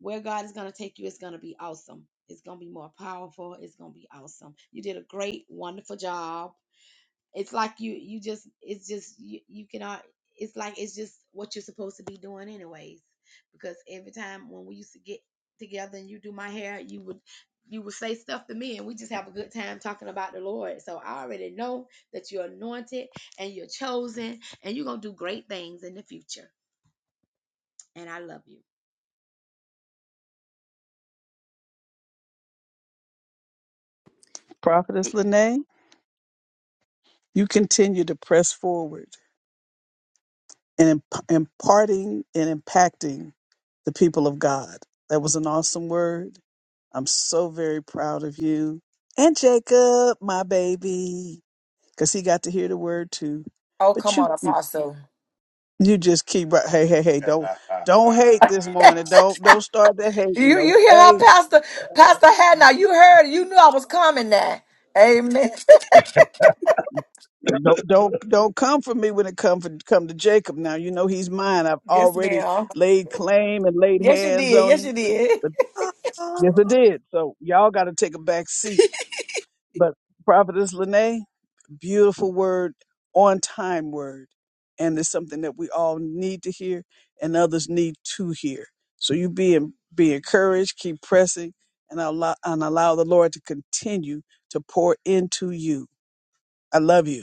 [SPEAKER 3] where God is going to take you, it's going to be awesome. It's going to be more powerful. It's going to be awesome. You did a great, wonderful job it's like you you just it's just you, you cannot it's like it's just what you're supposed to be doing anyways because every time when we used to get together and you do my hair you would you would say stuff to me and we just have a good time talking about the lord so i already know that you're anointed and you're chosen and you're gonna do great things in the future and i love you
[SPEAKER 6] Prophetess Lene, you continue to press forward and imp- imparting and impacting the people of God. That was an awesome word. I'm so very proud of you. And Jacob, my baby, because he got to hear the word too.
[SPEAKER 1] Oh,
[SPEAKER 6] But
[SPEAKER 1] come
[SPEAKER 6] you
[SPEAKER 1] on,
[SPEAKER 6] keep,
[SPEAKER 1] Apostle.
[SPEAKER 6] you just keep, right- hey, hey, hey, don't, don't hate this morning. Don't, don't start that
[SPEAKER 1] You
[SPEAKER 6] hating.
[SPEAKER 1] you hear how
[SPEAKER 6] Okay.
[SPEAKER 1] Pastor Pastor had now? You heard. You knew I was coming. Now. Amen.
[SPEAKER 6] Don't don't don't come for me when it come for come to Jacob. Now you know he's mine. I've
[SPEAKER 1] Yes,
[SPEAKER 6] already
[SPEAKER 1] ma'am.
[SPEAKER 6] laid claim and laid
[SPEAKER 1] Yes, you
[SPEAKER 6] hands
[SPEAKER 1] did.
[SPEAKER 6] on
[SPEAKER 1] Yes,
[SPEAKER 6] him.
[SPEAKER 1] you did.
[SPEAKER 6] But yes,
[SPEAKER 2] Oh.
[SPEAKER 6] I did. So y'all got to take a back seat. But Prophetess Lene, beautiful word, on time word, and it's something that we all need to hear, and others need to hear. So you be en- be encouraged, keep pressing, and allow and allow the Lord to continue to pour into you. I love you.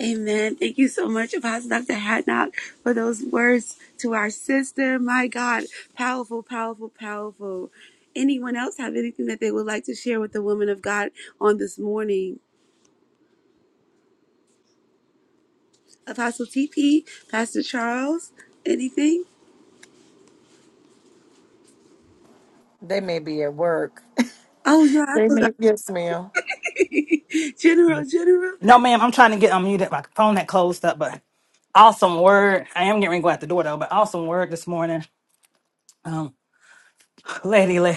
[SPEAKER 2] Amen. Thank you so much, Apostle Dr. Hadnock, for those words to our sister. My God, powerful, powerful, powerful. Anyone else have anything that they would like to share with the women of God on this morning? Apostle TP, Pastor Charles, anything?
[SPEAKER 1] They may be at work.
[SPEAKER 2] Oh, yeah, I
[SPEAKER 1] They
[SPEAKER 2] forgot.
[SPEAKER 1] may. Yes, ma'am.
[SPEAKER 2] General, General.
[SPEAKER 7] No, ma'am, I'm trying to get unmuted. My phone had closed up, but awesome word. I am getting ready to go out the door though, but awesome word this morning. Lady, la-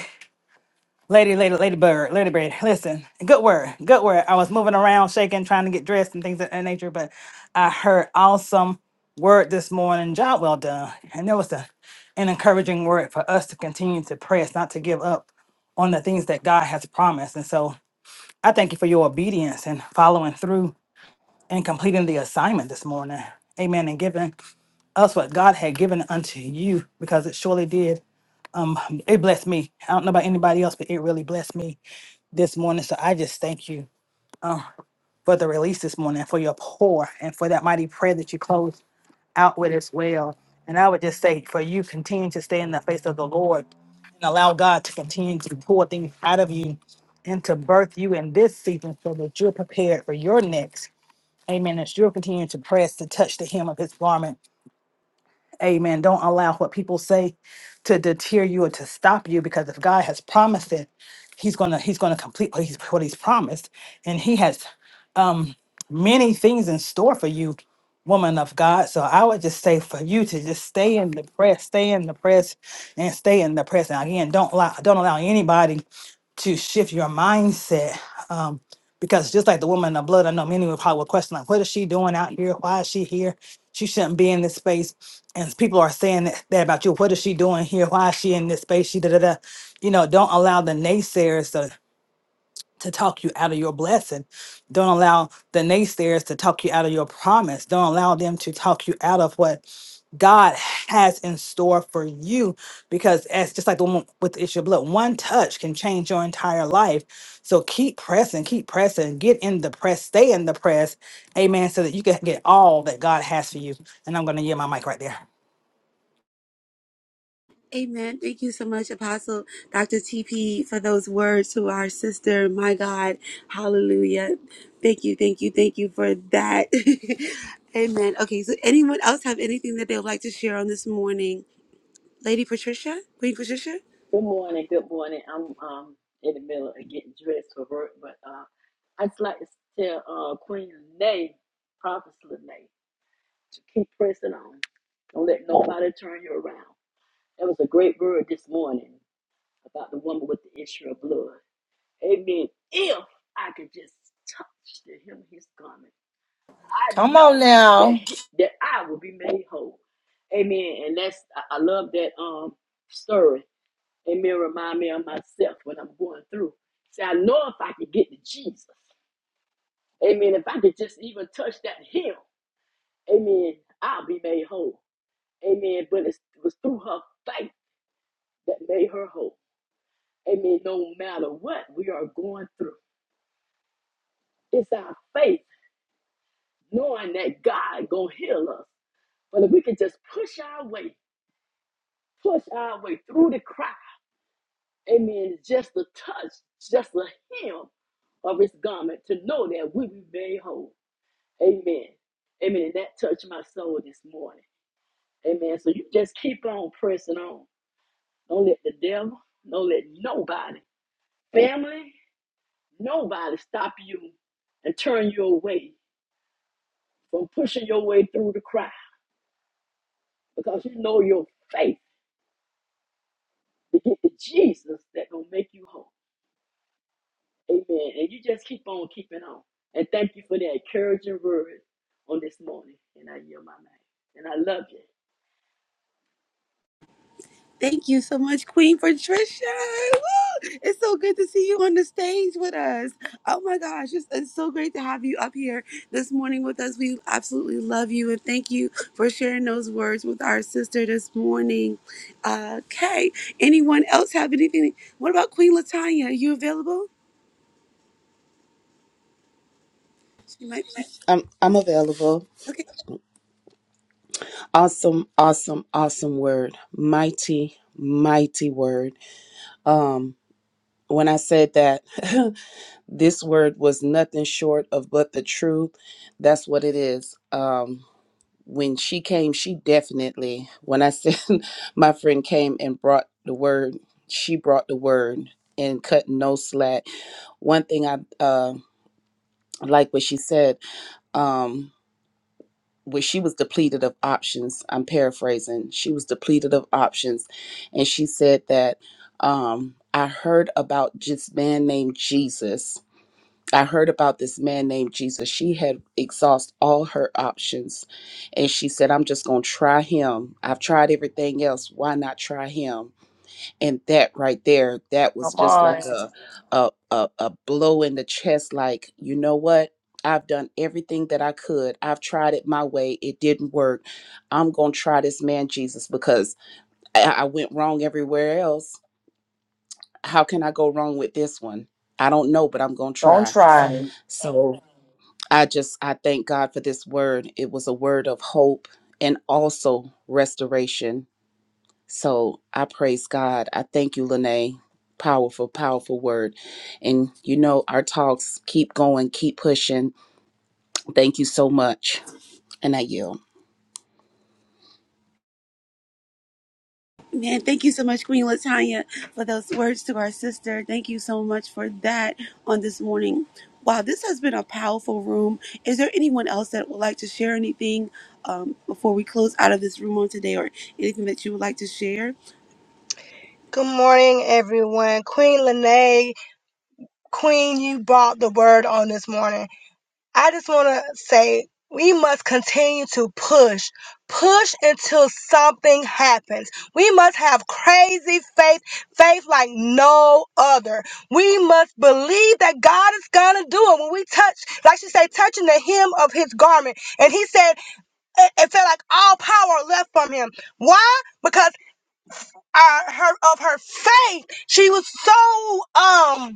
[SPEAKER 7] lady, lady, lady bird, lady bird. Listen, good word, good word. I was moving around, shaking, trying to get dressed and things of that nature, but I heard awesome word this morning. Job well done. And there was a, an encouraging word for us to continue to press, not to give up on the things that God has promised. And so I thank you for your obedience and following through and completing the assignment this morning. Amen. And giving us what God had given unto you because it surely did. Um, it blessed me. I don't know about anybody else, but it really blessed me this morning. So I just thank you um, for the release this morning, for your pour, and for that mighty prayer that you closed out with as well. And I would just say, for you, continue to stay in the face of the Lord and allow God to continue to pour things out of you and to birth you in this season so that you're prepared for your next. Amen. As you'll continue to press to touch the hem of his garment, Amen. Don't allow what people say to deter you or to stop you because if God has promised it, he's going to he's going to complete what he's what he's promised and he has um many things in store for you woman of God. So I would just say for you to just stay in the press, stay in the press and stay in the press. And again, don't allow don't allow anybody to shift your mindset. Um, because just like the woman in the blood, I know many would probably would question, like, what is she doing out here? Why is she here? She shouldn't be in this space and people are saying that that about you. What is she doing here? Why is she in this space? She da da da. You know, don't allow the naysayers to to talk you out of your blessing. Don't allow the naysayers to talk you out of your promise. Don't allow them to talk you out of what God has in store for you. Because as just like the woman with the issue of blood, one touch can change your entire life. So keep pressing, keep pressing, get in the press, stay in the press, amen, so that you can get all that God has for you. And I'm gonna yield my mic right there.
[SPEAKER 2] Amen. Thank you so much, Apostle Dr. TP, for those words to our sister. My God. Hallelujah. Thank you, thank you, thank you for that. Amen. Okay, so anyone else have anything that they would like to share on this morning? Lady Patricia? Queen Patricia?
[SPEAKER 8] Good morning. Good morning. I'm um in the middle of getting dressed for work, but uh, I would just like to tell uh Queen Lene, Prophet Lene, to keep pressing on. Don't let nobody turn you around. That was a great word this morning about the woman with the issue of blood. Amen. If I could just touch the hem of his garment, I
[SPEAKER 1] Come on
[SPEAKER 8] know that
[SPEAKER 1] now.
[SPEAKER 8] he, that I will be made whole. Amen. And that's I, I love that um story Amen. remind me of myself when I'm going through. See, I know if I could get to Jesus, amen, if I could just even touch that hem, amen, I'll be made whole. Amen. But it's, it was through her faith that made her whole. Amen. No matter what we are going through, it's our faith, knowing that God gonna heal us. But if we can just push our way, push our way through the crowd, amen, just a touch, just a hem of his garment to know that we be made whole. Amen. Amen. And that touched my soul this morning. Amen. So you just keep on pressing on. Don't let the devil, don't let nobody, family, nobody stop you and turn you away from pushing your way through the crowd because you know your faith to get to Jesus that gonna make you whole. Amen. And you just keep on keeping on. And thank you for that encouraging word on this morning. And I yield my name. And I love you.
[SPEAKER 2] Thank you so much, Queen Patricia. Woo! It's so good to see you on the stage with us. Oh my gosh, it's, it's so great to have you up here this morning with us. We absolutely love you and thank you for sharing those words with our sister this morning. Okay, anyone else have anything? What about Queen Latanya? Are you available? She might be.
[SPEAKER 9] I'm I'm available.
[SPEAKER 2] okay.
[SPEAKER 9] Awesome, awesome, awesome word. Mighty, mighty word. Um when I said that this word was nothing short of but the truth, that's what it is. Um when she came, she definitely when I said my friend came and brought the word, she brought the word and cut no slack. One thing I uh like what she said, um, where she was depleted of options. I'm paraphrasing. She was depleted of options, and she said that um, I heard about this man named Jesus. I heard about this man named Jesus. She had exhausted all her options, and she said, "I'm just gonna try him. I've tried everything else. Why not try him?" and that right there that was
[SPEAKER 1] Come
[SPEAKER 9] just
[SPEAKER 1] on.
[SPEAKER 9] like a a a, a blow in the chest like you know what I've done everything that I could. I've tried it my way. It didn't work. I'm going to try this man Jesus because I, I went wrong everywhere else. How can I go wrong with this one? I don't know, but I'm going to
[SPEAKER 1] Don't
[SPEAKER 9] try.
[SPEAKER 1] try.
[SPEAKER 9] So I just, I thank God for this word. It was a word of hope and also restoration so I praise God. I thank you, Lene. Powerful, powerful word. And you know, our talks keep going, keep pushing. Thank you so much. And I yield.
[SPEAKER 2] Man, thank you so much, Queen Latanya, for those words to our sister. Thank you so much for that on this morning. Wow, this has been a powerful room. Is there anyone else that would like to share anything um, before we close out of this room on today, or anything that you would like to share?
[SPEAKER 4] Good morning, everyone. Queen Lene, Queen, you brought the word on this morning. I just want to say we must continue to push, push until something happens. We must have crazy faith, faith like no other. We must believe that God is going to do it. When we touch, like she said, touching the hem of his garment. And he said it, it felt like all power left from him. Why? Because our, her, of her faith, she was so, um,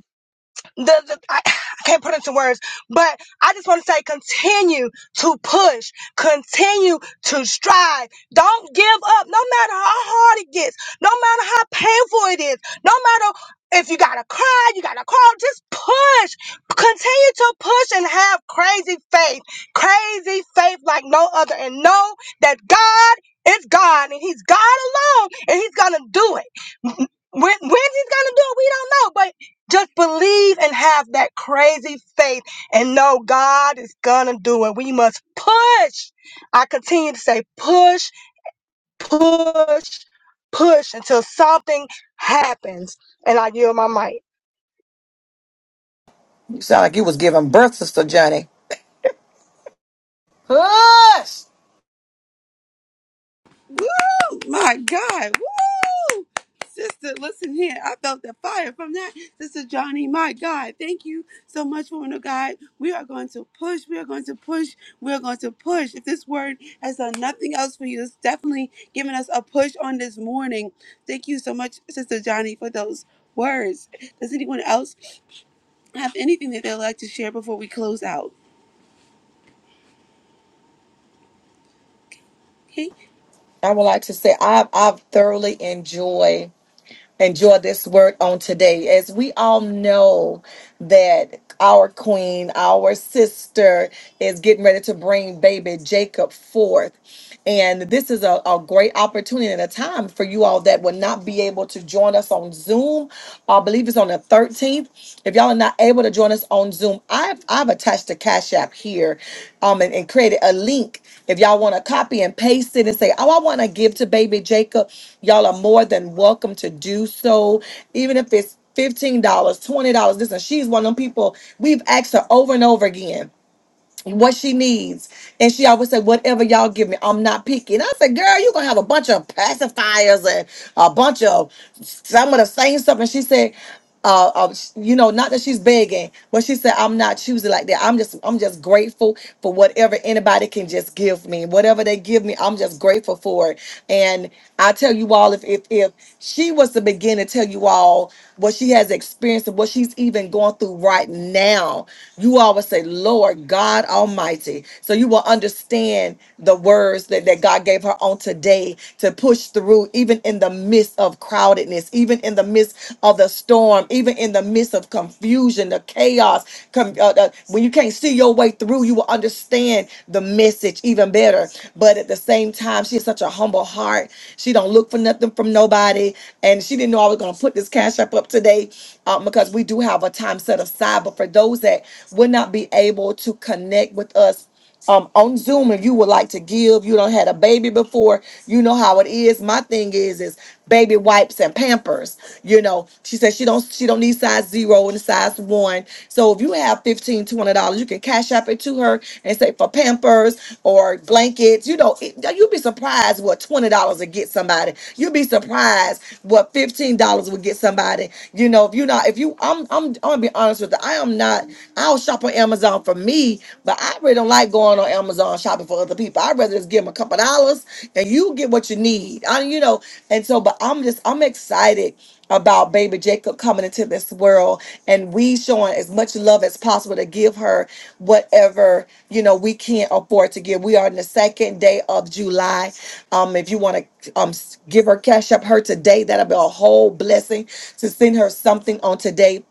[SPEAKER 4] the, the I, I can't put into words, but I just want to say continue to push, continue to strive. Don't give up no matter how hard it gets, no matter how painful it is, no matter if you gotta cry, you gotta crawl, just push. Continue to push and have crazy faith. Crazy faith like no other. And know that God is God and He's God alone and He's gonna do it. When, when's he's gonna do it, we don't know. But just believe and have that crazy faith and know God is gonna do it. We must push. I continue to say push, push, push until something happens. And I yield my mic.
[SPEAKER 1] You sound like you was giving birth, Sister Johnny. Hush.
[SPEAKER 2] Woo! My God. Woo! Sister, listen here. I felt the fire from that. Sister Johnny, my God. Thank you so much, woman of God. We are going to push. We are going to push. We are going to push. If this word has done nothing else for you, it's definitely giving us a push on this morning. Thank you so much, Sister Johnny, for those words. Does anyone else have anything that they'd like to share before we close out? Okay.
[SPEAKER 1] I would like to say I've I've thoroughly enjoy enjoy this word on today. As we all know that our queen, our sister, is getting ready to bring baby Jacob forth. And this is a, a great opportunity and a time for you all that will not be able to join us on Zoom. I believe it's on the 13th. If y'all are not able to join us on Zoom, I've I've attached a Cash App here um and, and created a link. If y'all want to copy and paste it and say, Oh, I want to give to baby Jacob, y'all are more than welcome to do so. Even if it's $15, dollars, $20. Listen, she's one of them people we've asked her over and over again what she needs. And she always said, Whatever y'all give me, I'm not picky. And I said, Girl, you're gonna have a bunch of pacifiers and a bunch of some of the same stuff. And she said, uh, uh, sh- you know, not that she's begging, but she said, "I'm not choosing like that. I'm just, I'm just grateful for whatever anybody can just give me. Whatever they give me, I'm just grateful for it." And I tell you all, if if if she was to begin to tell you all what she has experienced and what she's even going through right now. You always say, Lord God Almighty. So you will understand the words that, that God gave her on today to push through, even in the midst of crowdedness, even in the midst of the storm, even in the midst of confusion, the chaos. com- uh, uh, when you can't see your way through, you will understand the message even even better. But at the same time, she has such a humble heart. She don't look for nothing from nobody. And she didn't know I was gonna put this cash up up today um, because we do have a time set aside. But for those that would not be able to connect with us um on Zoom if you would like to give. You don't had a baby before. You know how it is. My thing is is baby wipes and Pampers. You know, she said she don't she don't need size zero and size one. So if you have 15 twenty dollars, you can cash up it to her and say for Pampers or blankets. You know, it, you'd be surprised what twenty dollars would get somebody. You'd be surprised what fifteen dollars would get somebody. You know, if you're not, if you, I'm, I'm, I'm gonna be honest with you. I am not. I'll shop on Amazon for me, but I really don't like going on Amazon. Amazon shopping for other people. I'd rather just give them a couple dollars and you get what you need. I, you know, and so, but I'm just, I'm excited about baby Jacob coming into this world and we showing as much love as possible to give her whatever, you know, we can't afford to give. We are in the second day of July. Um, if you want to um s- give her cash up her today, that'll be a whole blessing to send her something on today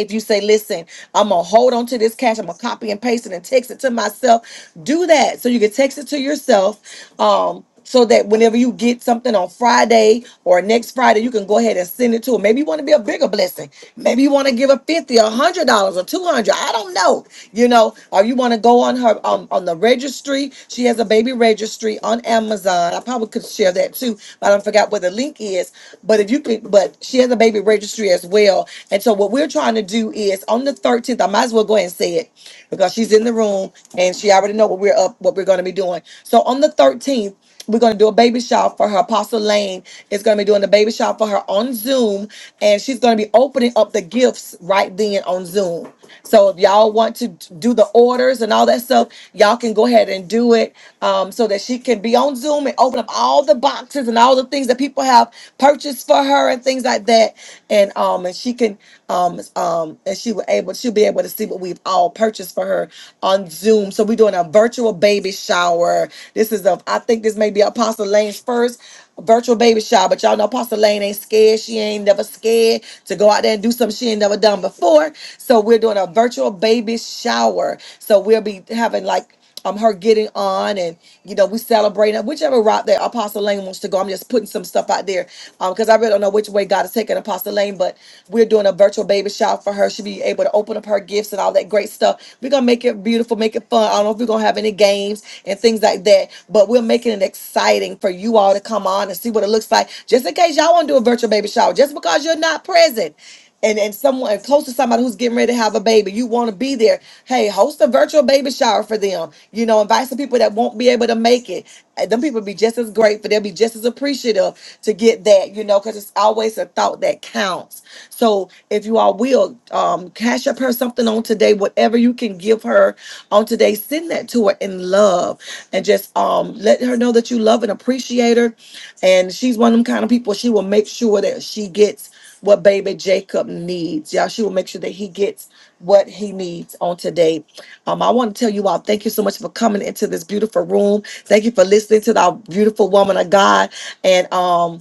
[SPEAKER 1] if you say, listen, I'm gonna hold on to this cash, I'm gonna copy and paste it and text it to myself, do that. So you can text it to yourself. Um, so that whenever you get something on Friday or next Friday, you can go ahead and send it to them. Maybe you want to be a bigger blessing. Maybe you want to give a fifty, a hundred dollars, or two hundred. I don't know. You know, or you want to go on her um, on the registry. She has a baby registry on Amazon. I probably could share that too, but I forgot what the link is. But if you can, but she has a baby registry as well, and so what we're trying to do is on the 13th, I might as well go ahead and say it because she's in the room and she already know what we're up, what we're going to be doing. So on the 13th, we're going to do a baby shower for her. Apostle Lane is going to be doing the baby shower for her on Zoom, and she's going to be opening up the gifts right then on Zoom. So if y'all want to do the orders and all that stuff, y'all can go ahead and do it um, so that she can be on Zoom and open up all the boxes and all the things that people have purchased for her and things like that. And um, and she can um, um, and she will able she'll be able to see what we've all purchased for her on Zoom. So we're doing a virtual baby shower. This is a I think this may be Apostle Lane's first a virtual baby shower. But y'all know Apostle Lane ain't scared. She ain't never scared to go out there and do something she ain't never done before. So we're doing a virtual baby shower. So we'll be having like um her getting on and you know we celebrating whichever route that apostle lane wants to go i'm just putting some stuff out there um because i really don't know which way god is taking apostle lane but we're doing a virtual baby shower for her she'll be able to open up her gifts and all that great stuff we're gonna make it beautiful make it fun i don't know if we're gonna gonna have any games and things like that. But we're making it exciting for you all to come on and see what it looks like. Just in case y'all want to do a virtual baby shower, just because you're not present. And, and someone close to somebody who's getting ready to have a baby, you want to be there. Hey, host a virtual baby shower for them. You know, invite some people that won't be able to make it. And them people be just as grateful. They'll be just as appreciative to get that, you know, because it's always a thought that counts. So if you all will um, cash up her something on today, whatever you can give her on today, send that to her in love and just um, let her know that you love and appreciate her. And she's one of them kind of people, she will make sure that she gets what baby Jacob needs. Y'all, she will make sure that he gets what he needs on today. Um, I want to tell you all thank you so much for coming into this beautiful room. Thank you for listening to our beautiful woman of God. And um,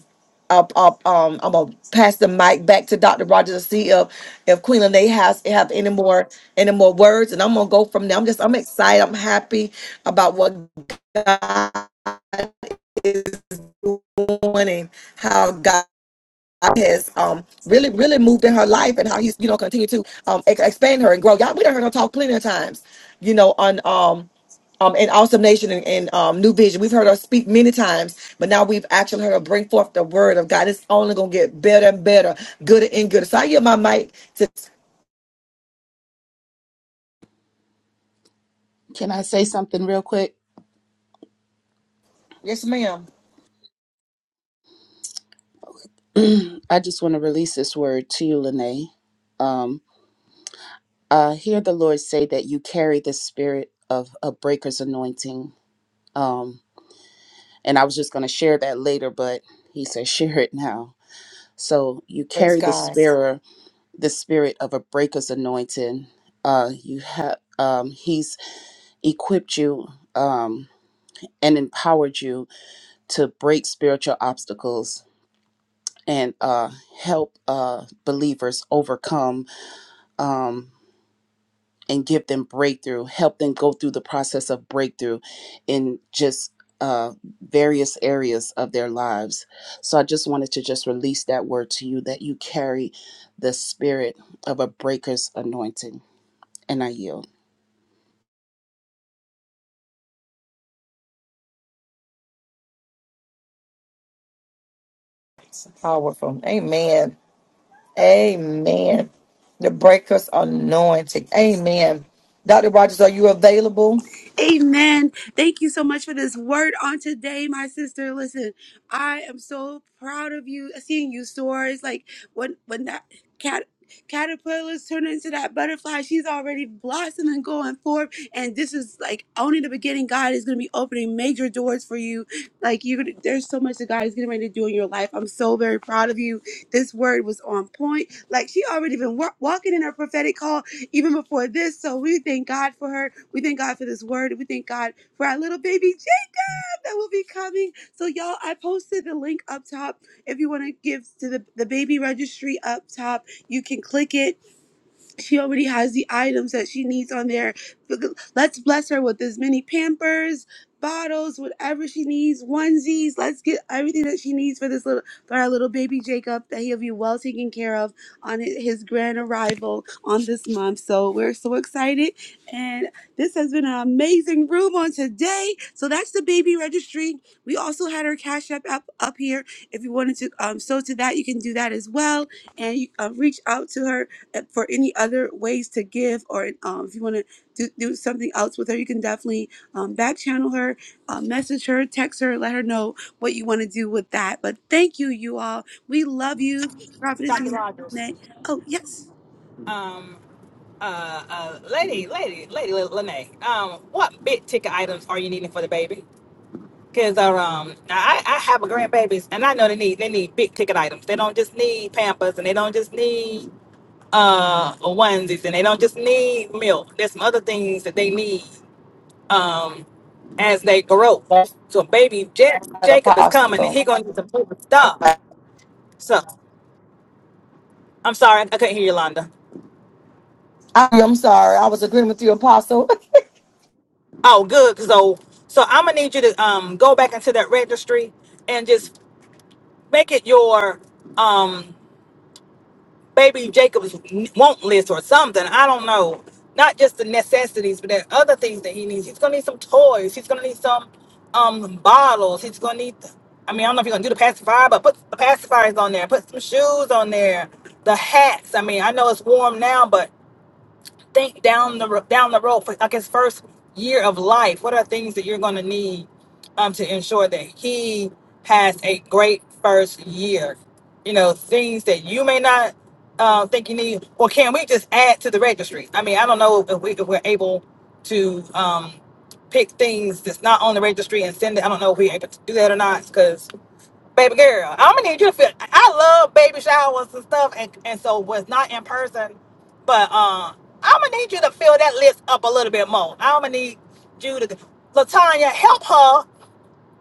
[SPEAKER 1] I'll, I'll, um, I'm gonna pass the mic back to Dr. Rogers to see if if Queen Lene has have any more any more words, and I'm gonna go from there. I'm just I'm excited. I'm happy about what God is doing and how God. God has um really really moved in her life and how he's you know continue to um ex- expand her and grow. Y'all, we done heard her talk plenty of times, you know, on um um in Awesome Nation and, and um New Vision. We've heard her speak many times, but now we've actually heard her bring forth the word of God. It's only gonna get better and better, gooder and gooder. So I give my mic to
[SPEAKER 9] Can I say something real quick?
[SPEAKER 1] yes, ma'am.
[SPEAKER 9] I just want to release this word to you, Lene. Um, I hear the Lord say that you carry the spirit of a breaker's anointing. Um, and I was just going to share that later, but He said, share it now. So you
[SPEAKER 1] Praise
[SPEAKER 9] carry the
[SPEAKER 1] God.
[SPEAKER 9] spirit. the spirit of a breaker's anointing. Uh, you have um, he's equipped you um, and empowered you to break spiritual obstacles and uh, help uh, believers overcome um, and give them breakthrough. Help them go through the process of breakthrough in just uh, various areas of their lives. So I just wanted to just release that word to you that you carry the spirit of a breaker's anointing, and I yield.
[SPEAKER 1] Powerful. Amen. Amen. The breakers anointing. Amen. Dr. Rogers, are you available?
[SPEAKER 2] Amen. Thank you so much for this word on today, my sister. Listen, I am so proud of you. Seeing you soar It's like when when that cat caterpillars turn into that butterfly. She's already blossoming, going forth, and this is like only the beginning. God is going to be opening major doors for you. Like you, there's so much that God is getting ready to do in your life. I'm so very proud of you. This word was on point. Like she already been wa- walking in her prophetic call even before this. So we thank God for her. We thank God for this word. We thank God for our little baby Jim that will be coming. So y'all, I posted the link up top. If you want to give to the, the baby registry up top, you can click it she already has the items that she needs on there. Let's bless her with as many Pampers, bottles, whatever she needs, onesies. Let's get everything that she needs for this little, for our little baby Jacob, that he'll be well taken care of on hi- his grand arrival on this month. So we're so excited, and this has been an amazing room on today. So that's the baby registry. We also had our Cash App up up here. If you wanted to um, sew to that, you can do that as well, and you, uh, reach out to her uh, For any other ways to give, or um, if you want to do, do something else with her, you can definitely um, back channel her, uh, message her, text her, let her know what you want to do with that. But thank you, you all. We love you, Prophetess
[SPEAKER 7] Dr. Rogers.
[SPEAKER 2] Elena. Oh, yes.
[SPEAKER 7] Uh, uh, lady, lady, lady, L- Lene. Um, what big ticket items are you needing for the baby? Cause uh, um, I, I have a grandbabies, and I know they need they need big ticket items. They don't just need Pampers, and they don't just need uh onesies, and they don't just need milk. There's some other things that they need um as they grow.
[SPEAKER 1] Blessed
[SPEAKER 7] So baby Ja- Jacob is coming, and
[SPEAKER 1] Apostle.
[SPEAKER 7] he gonna need some food and stuff.
[SPEAKER 1] I,
[SPEAKER 7] So I'm sorry, I couldn't hear you, Londa.
[SPEAKER 1] am sorry. I was agreeing with you, Apostle.
[SPEAKER 7] Oh, good. So, so I'm gonna need you to um go back into that registry and just make it your um baby Jacob's want list or something. I don't know. Not just the necessities, but there are other things that he needs. He's gonna need some toys. He's gonna need some um bottles. He's gonna need. I mean, I don't know if you're gonna do the pacifier, but put the pacifiers on there. Put some shoes on there. The hats. I mean, I know it's warm now, but think down the ro- down the road for like his first year of life. What are things that you're going to need um, to ensure that he has a great first year? You know, things that you may not uh, think you need, or can we just add to the registry? I mean, I don't know if, we, if we're able to um, pick things that's not on the registry and send it. I don't know if we're able to do that or not because. Baby girl, I'm gonna need you to feel. I love baby showers and stuff, and, and so was not in person, but uh, I'm gonna need you to fill that list up a little bit more. I'm gonna need you to, Latanya, help her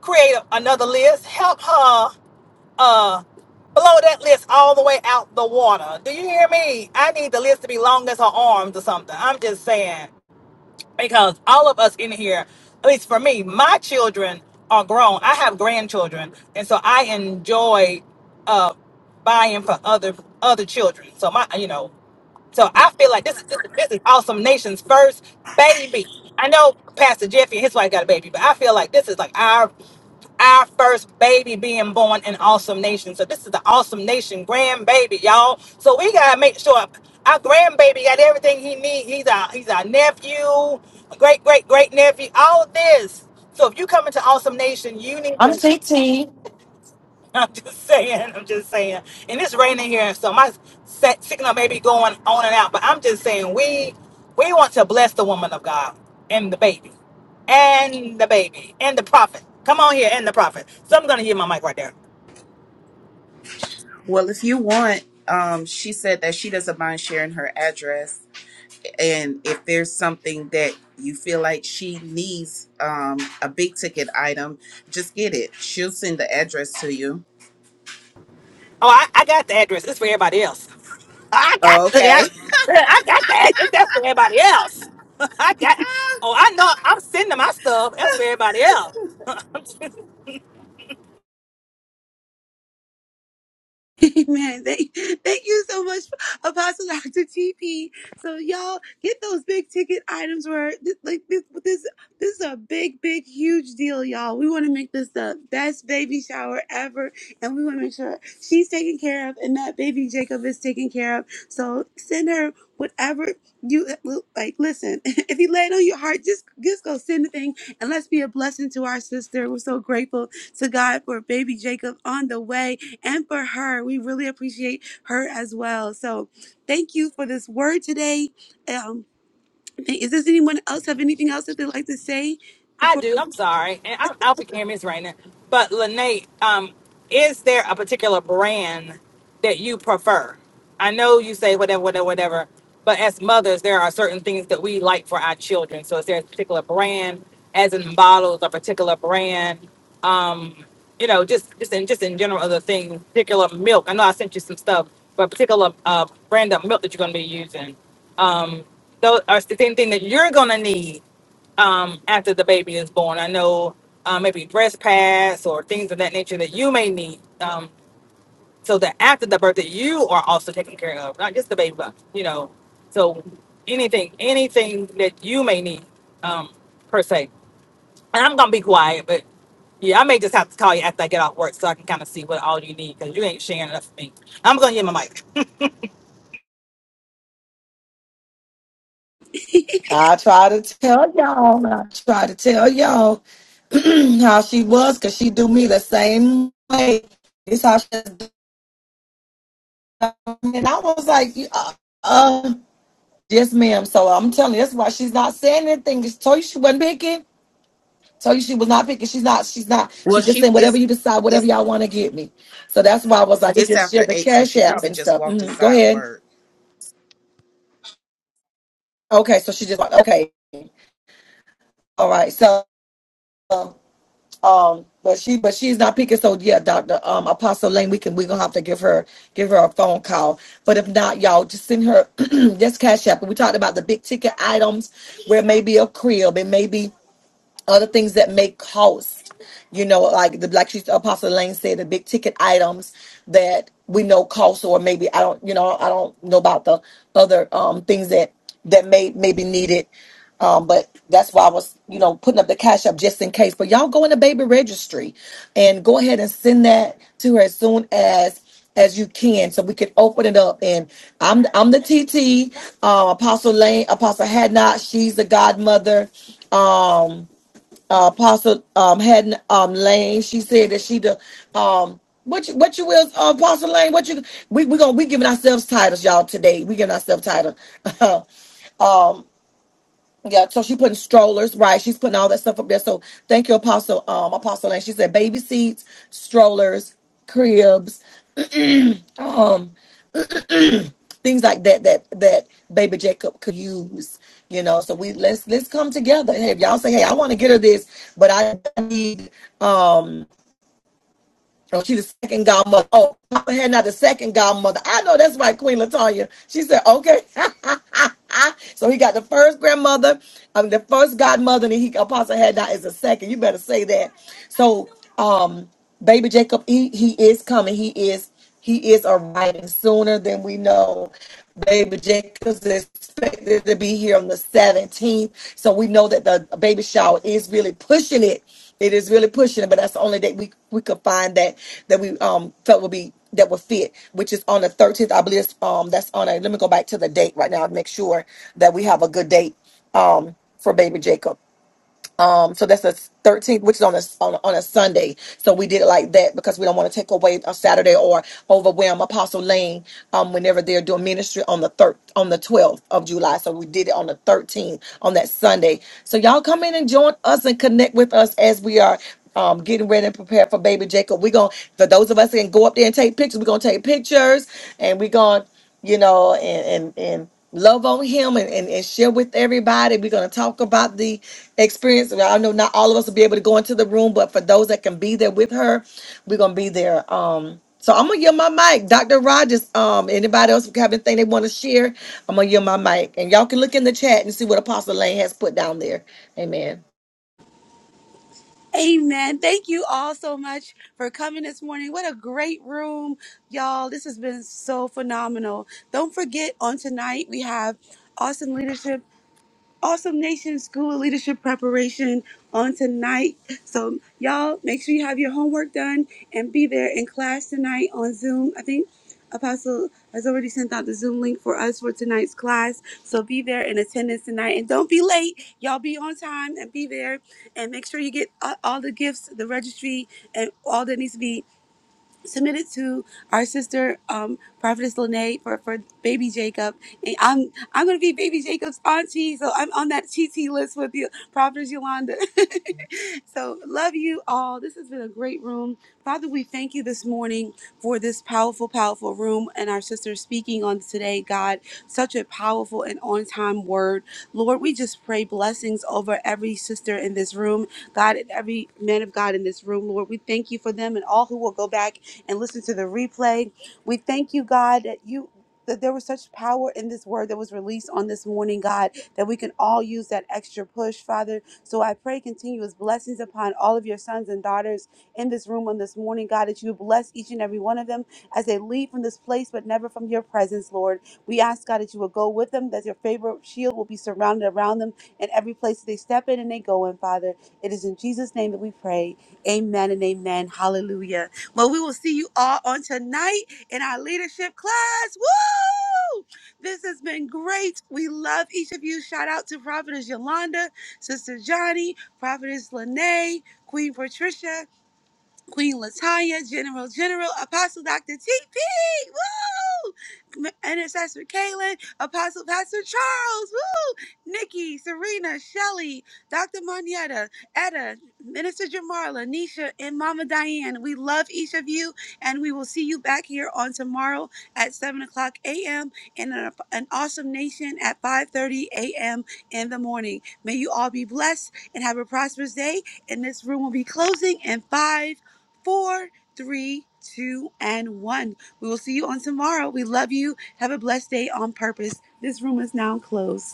[SPEAKER 7] create a- another list. Help her uh blow that list all the way out the water. Do you hear me? I need the list to be long as her arms or something. I'm just saying because all of us in here, at least for me, my children are grown. I have grandchildren, and so I enjoy uh, buying for other other children. So my, you know, so I feel like this is this, is- this is awesome nation's first baby. I know Pastor Jeffy and his wife got a baby, but I feel like this is like our our first baby being born in Awesome Nation. So this is the Awesome Nation grandbaby, y'all. So we gotta make sure our grandbaby got everything he needs. He's our he's our nephew, great great great nephew, all of this. So if you come into Awesome Nation, you need
[SPEAKER 1] I'm TT.
[SPEAKER 7] I'm just saying. I'm just saying. And it's raining here, and so my se- signal may be going on and out. But I'm just saying, we we want to bless the woman of God and the baby, and the baby and the prophet. Come on here and the prophet. So I'm gonna get my mic right there.
[SPEAKER 9] Well, if you want, um, she said that she doesn't mind sharing her address, and if there's something that you feel like she needs, um, a big ticket item, just get it. She'll send the address to you.
[SPEAKER 7] Oh, I, I got the address. It's for everybody else. I
[SPEAKER 9] Oh,
[SPEAKER 7] got the I,
[SPEAKER 9] Okay.
[SPEAKER 7] I got the address. That's for everybody else. I got. Oh, I know. I'm sending my stuff. That's for everybody else.
[SPEAKER 2] Amen. Thank, thank you so much, Apostle Dr. TP. So y'all get those big ticket items where this, like this, this, this is a big, big, huge deal, y'all. We want to make this the best baby shower ever, and we want to make sure she's taken care of and that baby Jacob is taken care of. So send her whatever you like. Listen, if you lay it on your heart, just just go send the thing, and let's be a blessing to our sister. We're so grateful to God for baby Jacob on the way and for her. We really appreciate her as well. So thank you for this word today. Um, is does anyone else have anything else that they'd like to say
[SPEAKER 7] I
[SPEAKER 2] before?
[SPEAKER 7] do. I'm sorry. And I'm out for cameras right now. But Lene, um, is there a particular brand that you prefer? I know you say whatever, whatever, whatever. But as mothers, there are certain things that we like for our children. So is there a particular brand, as in bottles, a particular brand? Um, you know, just just in just in general, other things, particular milk. I know I sent you some stuff, but a particular uh, brand of milk that you're going to be using. Um, those are the same thing that you're going to need um, after the baby is born. I know uh, maybe breast pads or things of that nature that you may need, um, so that after the birth that you are also taken care of, not just the baby, but you know, so anything, anything that you may need, um, per se. And I'm gonna be quiet, but yeah, I may just have to call you after I get off work so I can kind of see what all you need because you ain't sharing enough with me. I'm gonna get my mic.
[SPEAKER 1] I try to tell y'all. I try to tell y'all how she was because she do me the same way. It's how she do. and I was like, uh, uh, yes, ma'am. So I'm telling you, that's why she's not saying anything. She told you she wasn't picking. Told you she was not picking. She's not. She's not.
[SPEAKER 9] Well,
[SPEAKER 1] She's just
[SPEAKER 9] she
[SPEAKER 1] saying whatever
[SPEAKER 9] it's
[SPEAKER 1] you decide, whatever
[SPEAKER 9] it's
[SPEAKER 1] y'all want to get me. So that's why I was like, it's
[SPEAKER 9] it's
[SPEAKER 1] just
[SPEAKER 9] after
[SPEAKER 1] sharing
[SPEAKER 9] eight, so
[SPEAKER 1] cash
[SPEAKER 9] she
[SPEAKER 1] apps
[SPEAKER 9] probably
[SPEAKER 1] and
[SPEAKER 9] just
[SPEAKER 1] stuff.
[SPEAKER 9] walked
[SPEAKER 1] Mhm. Go
[SPEAKER 9] inside
[SPEAKER 1] ahead.
[SPEAKER 9] work.
[SPEAKER 1] Okay. So she just like, okay. All right. So, um, but she, but she's not picking. So yeah, Doctor um, Apostle Lane, we can we're gonna have to give her give her a phone call. But if not, y'all just send her just cash app. We talked about the big ticket items where it may be a crib, it may be other things that may cost. You know, like the like she, Apostle Lane said, the big ticket items that we know cost, or maybe I don't, you know, I don't know about the other um, things that that may may be needed. Um, but that's why I was, you know, putting up the cash up just in case. But y'all go in the baby registry and go ahead and send that to her as soon as as you can so we can open it up and i'm i'm the tt um apostle lane apostle had not she's the godmother Um, uh, Apostle um, had um, Lane. She said that she the um, what you what you will uh, Apostle Lane. What you we we gonna we giving ourselves titles, y'all. Today we giving ourselves titles. um, yeah. So she putting strollers, right? She's putting all that stuff up there. So thank you, Apostle um, Apostle Lane. She said baby seats, strollers, cribs, um, things like that that that baby Jacob could use. You know, so we let's let's come together. Hey, if y'all say, hey, I want to get her this, but I need um Oh, she the second godmother. Oh, Papa had not the second godmother. I know that's right, Queen Latanya. She said, okay. so he got the first grandmother, um, the first godmother, and he Apostle had not is the second. You better say that. So um baby Jacob, he he is coming. He is. He is arriving sooner than we know. Baby Jacobs is expected to be here on the 17th. So we know that the baby shower is really pushing it. It is really pushing it, but that's the only date we, we could find that that we um felt would be that would fit, which is on the 13th. I believe it's, um that's on a let me go back to the date right now to make sure that we have a good date um for baby Jacob um so that's the 13th which is on a on a, on a sunday so we did it like that because we don't want to take away a saturday or overwhelm apostle lane um whenever they're doing ministry on the third on the 12th of july so we did it on the 13th on that sunday so y'all come in and join us and connect with us as we are um, getting ready and prepared for baby Jacob. We're gonna for those of us that can go up there and take pictures, we're gonna take pictures and we're gonna you know, and and, and love on him and, and, and share with everybody. We're gonna talk about the experience. I know not all of us will be able to go into the room, but for those that can be there with her, we're gonna be there. Um so I'm gonna yield my mic. Dr. Rogers, um, anybody else have anything they want to share? I'm gonna yield my mic. And y'all can look in the chat and see what Apostle Lane has put down there. Amen.
[SPEAKER 2] Amen. Thank you all so much for coming this morning. What a great room, y'all. This has been so phenomenal. Don't forget on tonight we have awesome leadership Awesome Nation School of Leadership Preparation on tonight. So, y'all, make sure you have your homework done and be there in class tonight on Zoom. I think Apostle has already sent out the Zoom link for us for tonight's class. So, be there in attendance tonight and don't be late. Y'all be on time and be there. And make sure you get a- all the gifts, the registry, and all that needs to be Submitted to our sister um, prophetess Lene for, for baby jacob and i'm i'm gonna be baby jacob's auntie so i'm on that tt list with you prophetess yolanda so love you all this has been a great room father we thank you this morning for this powerful powerful room and our sister speaking on today god such a powerful and on time word lord we just pray blessings over every sister in this room god and every man of god in this room lord we thank you for them and all who will go back and listen to the replay. We thank you, God, that you that there was such power in this word that was released on this morning, God, that we can all use that extra push, Father. So I pray continuous blessings upon all of your sons and daughters in this room on this morning, God, that you would bless each and every one of them as they leave from this place, but never from your presence, Lord. We ask, God, that you will go with them, that your favor shield will be surrounded around them in every place that they step in and they go in, Father. It is in Jesus' name that we pray. Amen and amen. Hallelujah. Well, we will see you all on tonight in our leadership class. Woo! This has been great. We love each of you. Shout out to Prophetess Yolanda, Sister Johnny, Prophetess Lene, Queen Patricia. Queen Latanya, General General, Apostle Dr. TP, woo! Intercessor Kaylin, Apostle Pastor Charles, woo! Nikki, Serena, Shelly, Dr. Monietta, Etta, Minister Jamarla, Nisha, and Mama Diane. We love each of you, and we will see you back here on tomorrow at 7 o'clock a.m. and an, an awesome nation at 5.30 a.m. in the morning. May you all be blessed and have a prosperous day, and this room will be closing in 5, four, three, two, and one. We will see you on tomorrow. We love you. Have a blessed day on purpose. This room is now closed.